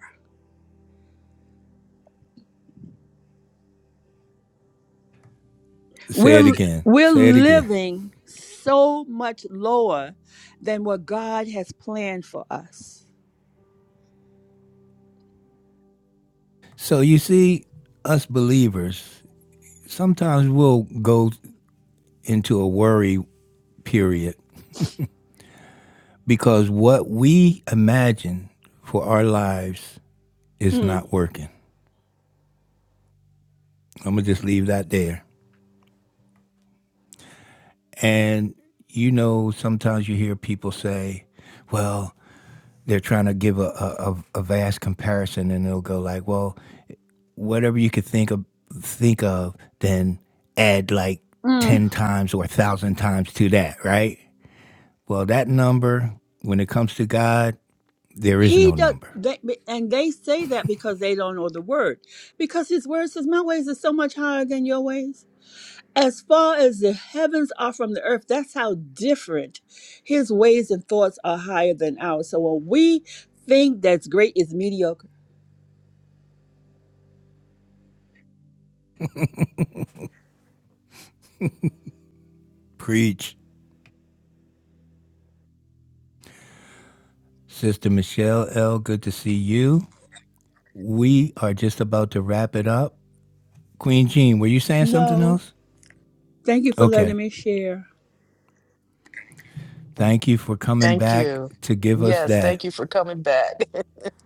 Say it We're again. we're Say it again. living so much lower than what God has planned for us. So you see, us believers sometimes we'll go into a worry period. Because what we imagine for our lives is Mm, not working. I'm going to just leave that there. And, you know, sometimes you hear people say, well, they're trying to give a, a, a vast comparison and they'll go like, well, whatever you could think of, think of, then add like mm. 10 times or 1,000 times to that, right? Well, that number, when it comes to God, there is He no does, number. they, and they say that because they don't know the word. Because His word says, "My ways are so much higher than your ways." As far as the heavens are from the earth, that's how different His ways and thoughts are higher than ours. So when we think that's great is mediocre. Preach Sister Michelle L., good to see you. We are just about to wrap it up. Queen Jean, were you saying something No, else? thank you for letting Okay. me share. Thank you for coming thank back you. to give us Yes, that. thank you for coming back.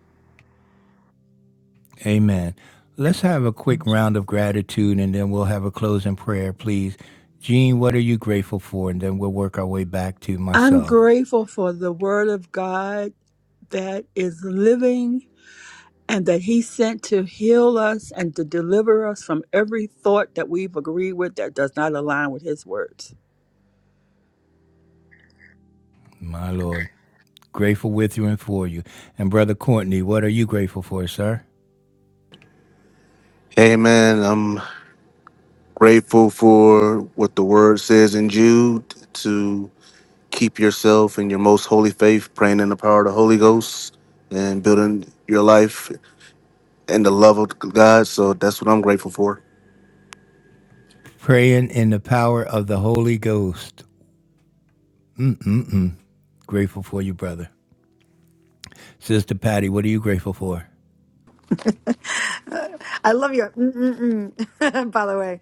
Amen. Let's have a quick round of gratitude and then we'll have a closing prayer, please. Jean, what are you grateful for? And then we'll work our way back to I'm myself. grateful for the word of God that is living and that he sent to heal us and to deliver us from every thought that we've agreed with that does not align with his words. My Lord, grateful with you and for you. And Brother Courtney, what are you grateful for, sir? Amen. I'm grateful for what the word says in Jude to keep yourself in your most holy faith, praying in the power of the Holy Ghost and building your life in the love of God. So that's what I'm grateful for. Praying in the power of the Holy Ghost. Grateful for you, brother. Sister Patty, what are you grateful for? I love your mm-mm-mm. By the way,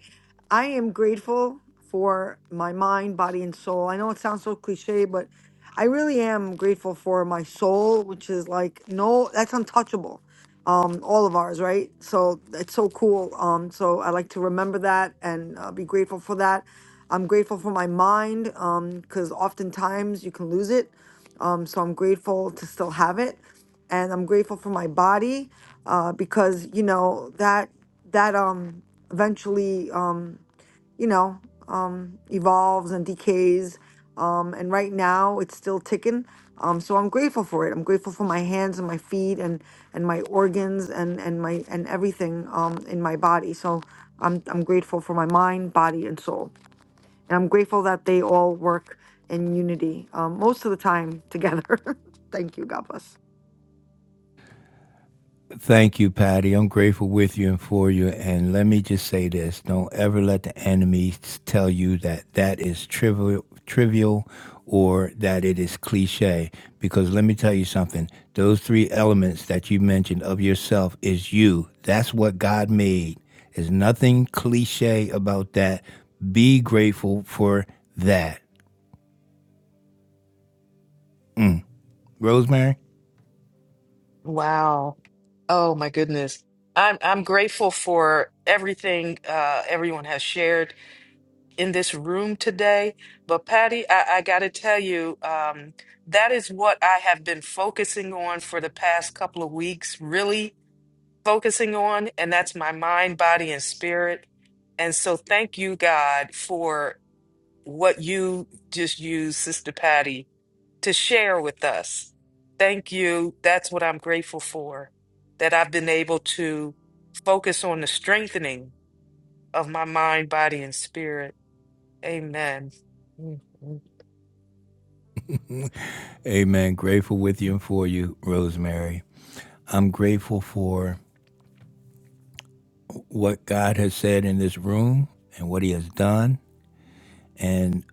I am grateful for my mind, body, and soul. I know it sounds so cliche, but I really am grateful for my soul, which is like no, that's untouchable. Um, all of ours, right? So it's so cool. Um, so I like to remember that and uh, be grateful for that. I'm grateful for my mind um, because oftentimes you can lose it. Um, so I'm grateful to still have it and I'm grateful for my body uh, because you know that that um eventually um you know um evolves and decays um and right now it's still ticking um so I'm grateful for it I'm grateful for my hands and my feet and and my organs and and my and everything um in my body so I'm I'm grateful for my mind body and soul and I'm grateful that they all work in unity um, most of the time together thank you God bless Thank you, Patty. I'm grateful with you and for you. And let me just say this don't ever let the enemy tell you that that is trivial, trivial or that it is cliche. Because let me tell you something those three elements that you mentioned of yourself is you. That's what God made. There's nothing cliche about that. Be grateful for that. Mm. Rosemary? Wow. Oh my goodness. I'm I'm grateful for everything uh everyone has shared. in this room today. But Patty, I, I got to tell you, um, that is what I have been focusing on for the past couple of weeks, really focusing on, and that's my mind, body, and spirit. And so thank you, God, for what you just used, Sister Patty, to share with us. Thank you. That's what I'm grateful for, that I've been able to focus on the strengthening of my mind, body, and spirit. Amen. Mhm. Amen. Grateful with you and for you, Rosemary. I'm grateful for what God has said in this room and what He has done and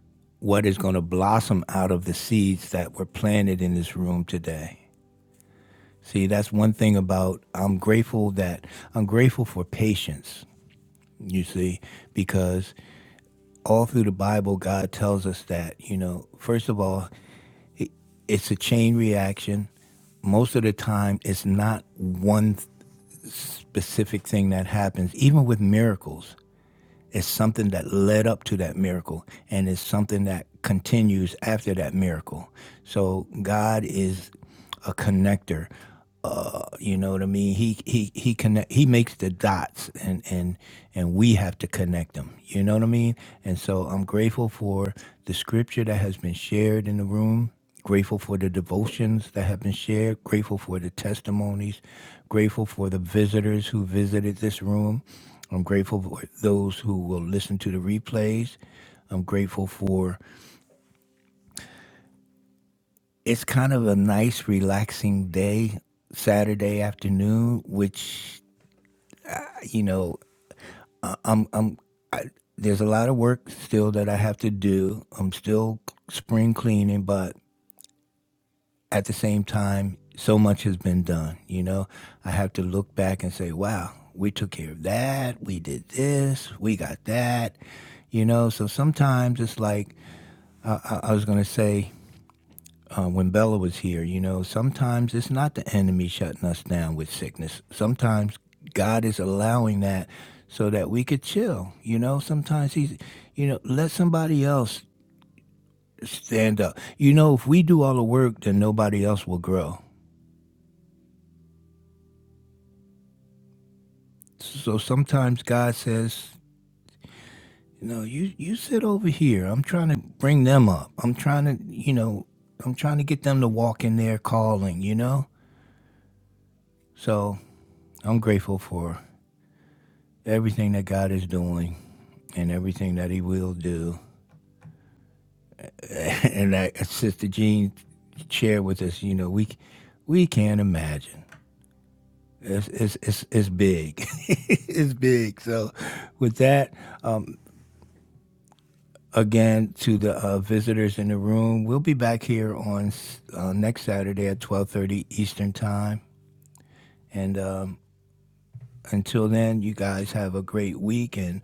what is going to blossom out of the seeds that were planted in this room today. See, that's one thing about I'm grateful that I'm grateful for patience, you see, because all through the Bible, God tells us that, you know, first of all, it's a chain reaction most of the time it's not one th- specific thing that happens even with miracles It's something that led up to that miracle, and it's something that continues after that miracle. So God is a connector. You know what I mean? He he he connect. He makes the dots, and and and we have to connect them. You know what I mean? And so I'm grateful for the scripture that has been shared in the room. Grateful for the devotions that have been shared. Grateful for the testimonies. Grateful for the visitors who visited this room. I'm grateful for those who will listen to the replays. I'm grateful for it's kind of a nice, relaxing day, Saturday afternoon, which, you know, I'm, I'm, I, there's a lot of work still that I have to do. I'm still spring cleaning, but at the same time, so much has been done. You know, I have to look back and say, wow, we took care of that. We did this. We got that. You know, so sometimes it's like, I, I, I was going to say, uh, when Bella was here, you know, sometimes it's not the enemy shutting us down with sickness. Sometimes God is allowing that so that we could chill. You know, sometimes He's, you know, let somebody else stand up. You know, if we do all the work, then nobody else will grow. So sometimes God says, you know, you, you sit over here. I'm trying to bring them up. I'm trying to, you know, I'm trying to get them to walk in their calling, you know? So I'm grateful for everything that God is doing and everything that he will do. and that uh, Sister Jean shared with us, you know, we we can't imagine. It's it's it's, it's big. it's big. So, with that, um, again to the uh, visitors in the room, we'll be back here on uh, next Saturday at twelve thirty Eastern time. And um, until then, you guys have a great week and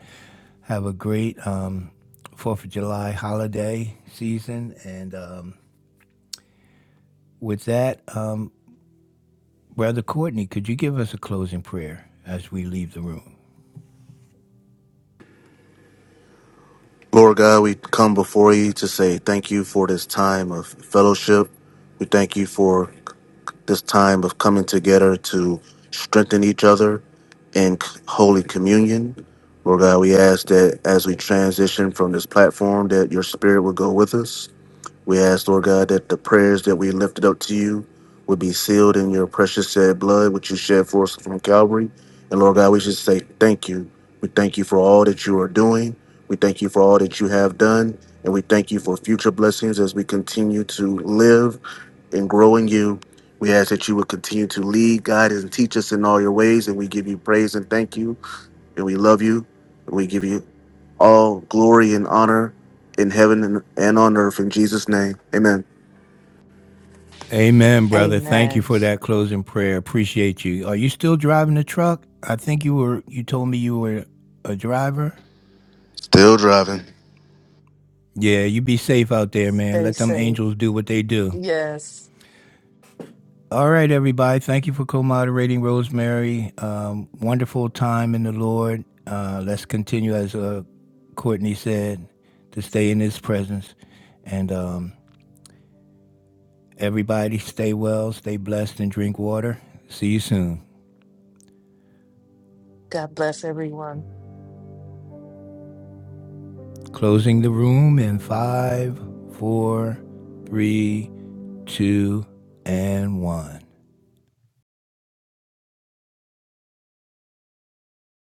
have a great um, Fourth of July holiday season and. Um, With that, um, Brother Courtney, could you give us a closing prayer as we leave the room? Lord God, we come before you to say thank you for this time of fellowship. We thank you for this time of coming together to strengthen each other in c- holy communion. Lord God, we ask that as we transition from this platform, that your spirit will go with us we ask, Lord God, that the prayers that we lifted up to you would be sealed in your precious shed blood, which you shed for us from Calvary. And Lord God, we should say thank you. We thank you for all that you are doing. We thank you for all that you have done. And we thank you for future blessings as we continue to live and grow in you. We ask that you would continue to lead, guide, and teach us in all your ways. And we give you praise and thank you and we love you. And we give you all glory and honor in heaven and, and on earth in Jesus' name. Amen. Amen, brother. Thank you Amen. for that closing prayer. Appreciate you. Are you still driving the truck? I think you were. You told me you were a driver. Still driving. Yeah, you be safe out there, man. Stay Let them safe. angels do what they do. Yes. All right, everybody. Thank you for co-moderating, Rosemary. Um, wonderful time in the Lord. Uh, let's continue, as uh, Courtney said, to stay in His presence, and um, Everybody stay well, stay blessed, and drink water. See you soon. God bless everyone. Closing the room in five, four, three, two, and one.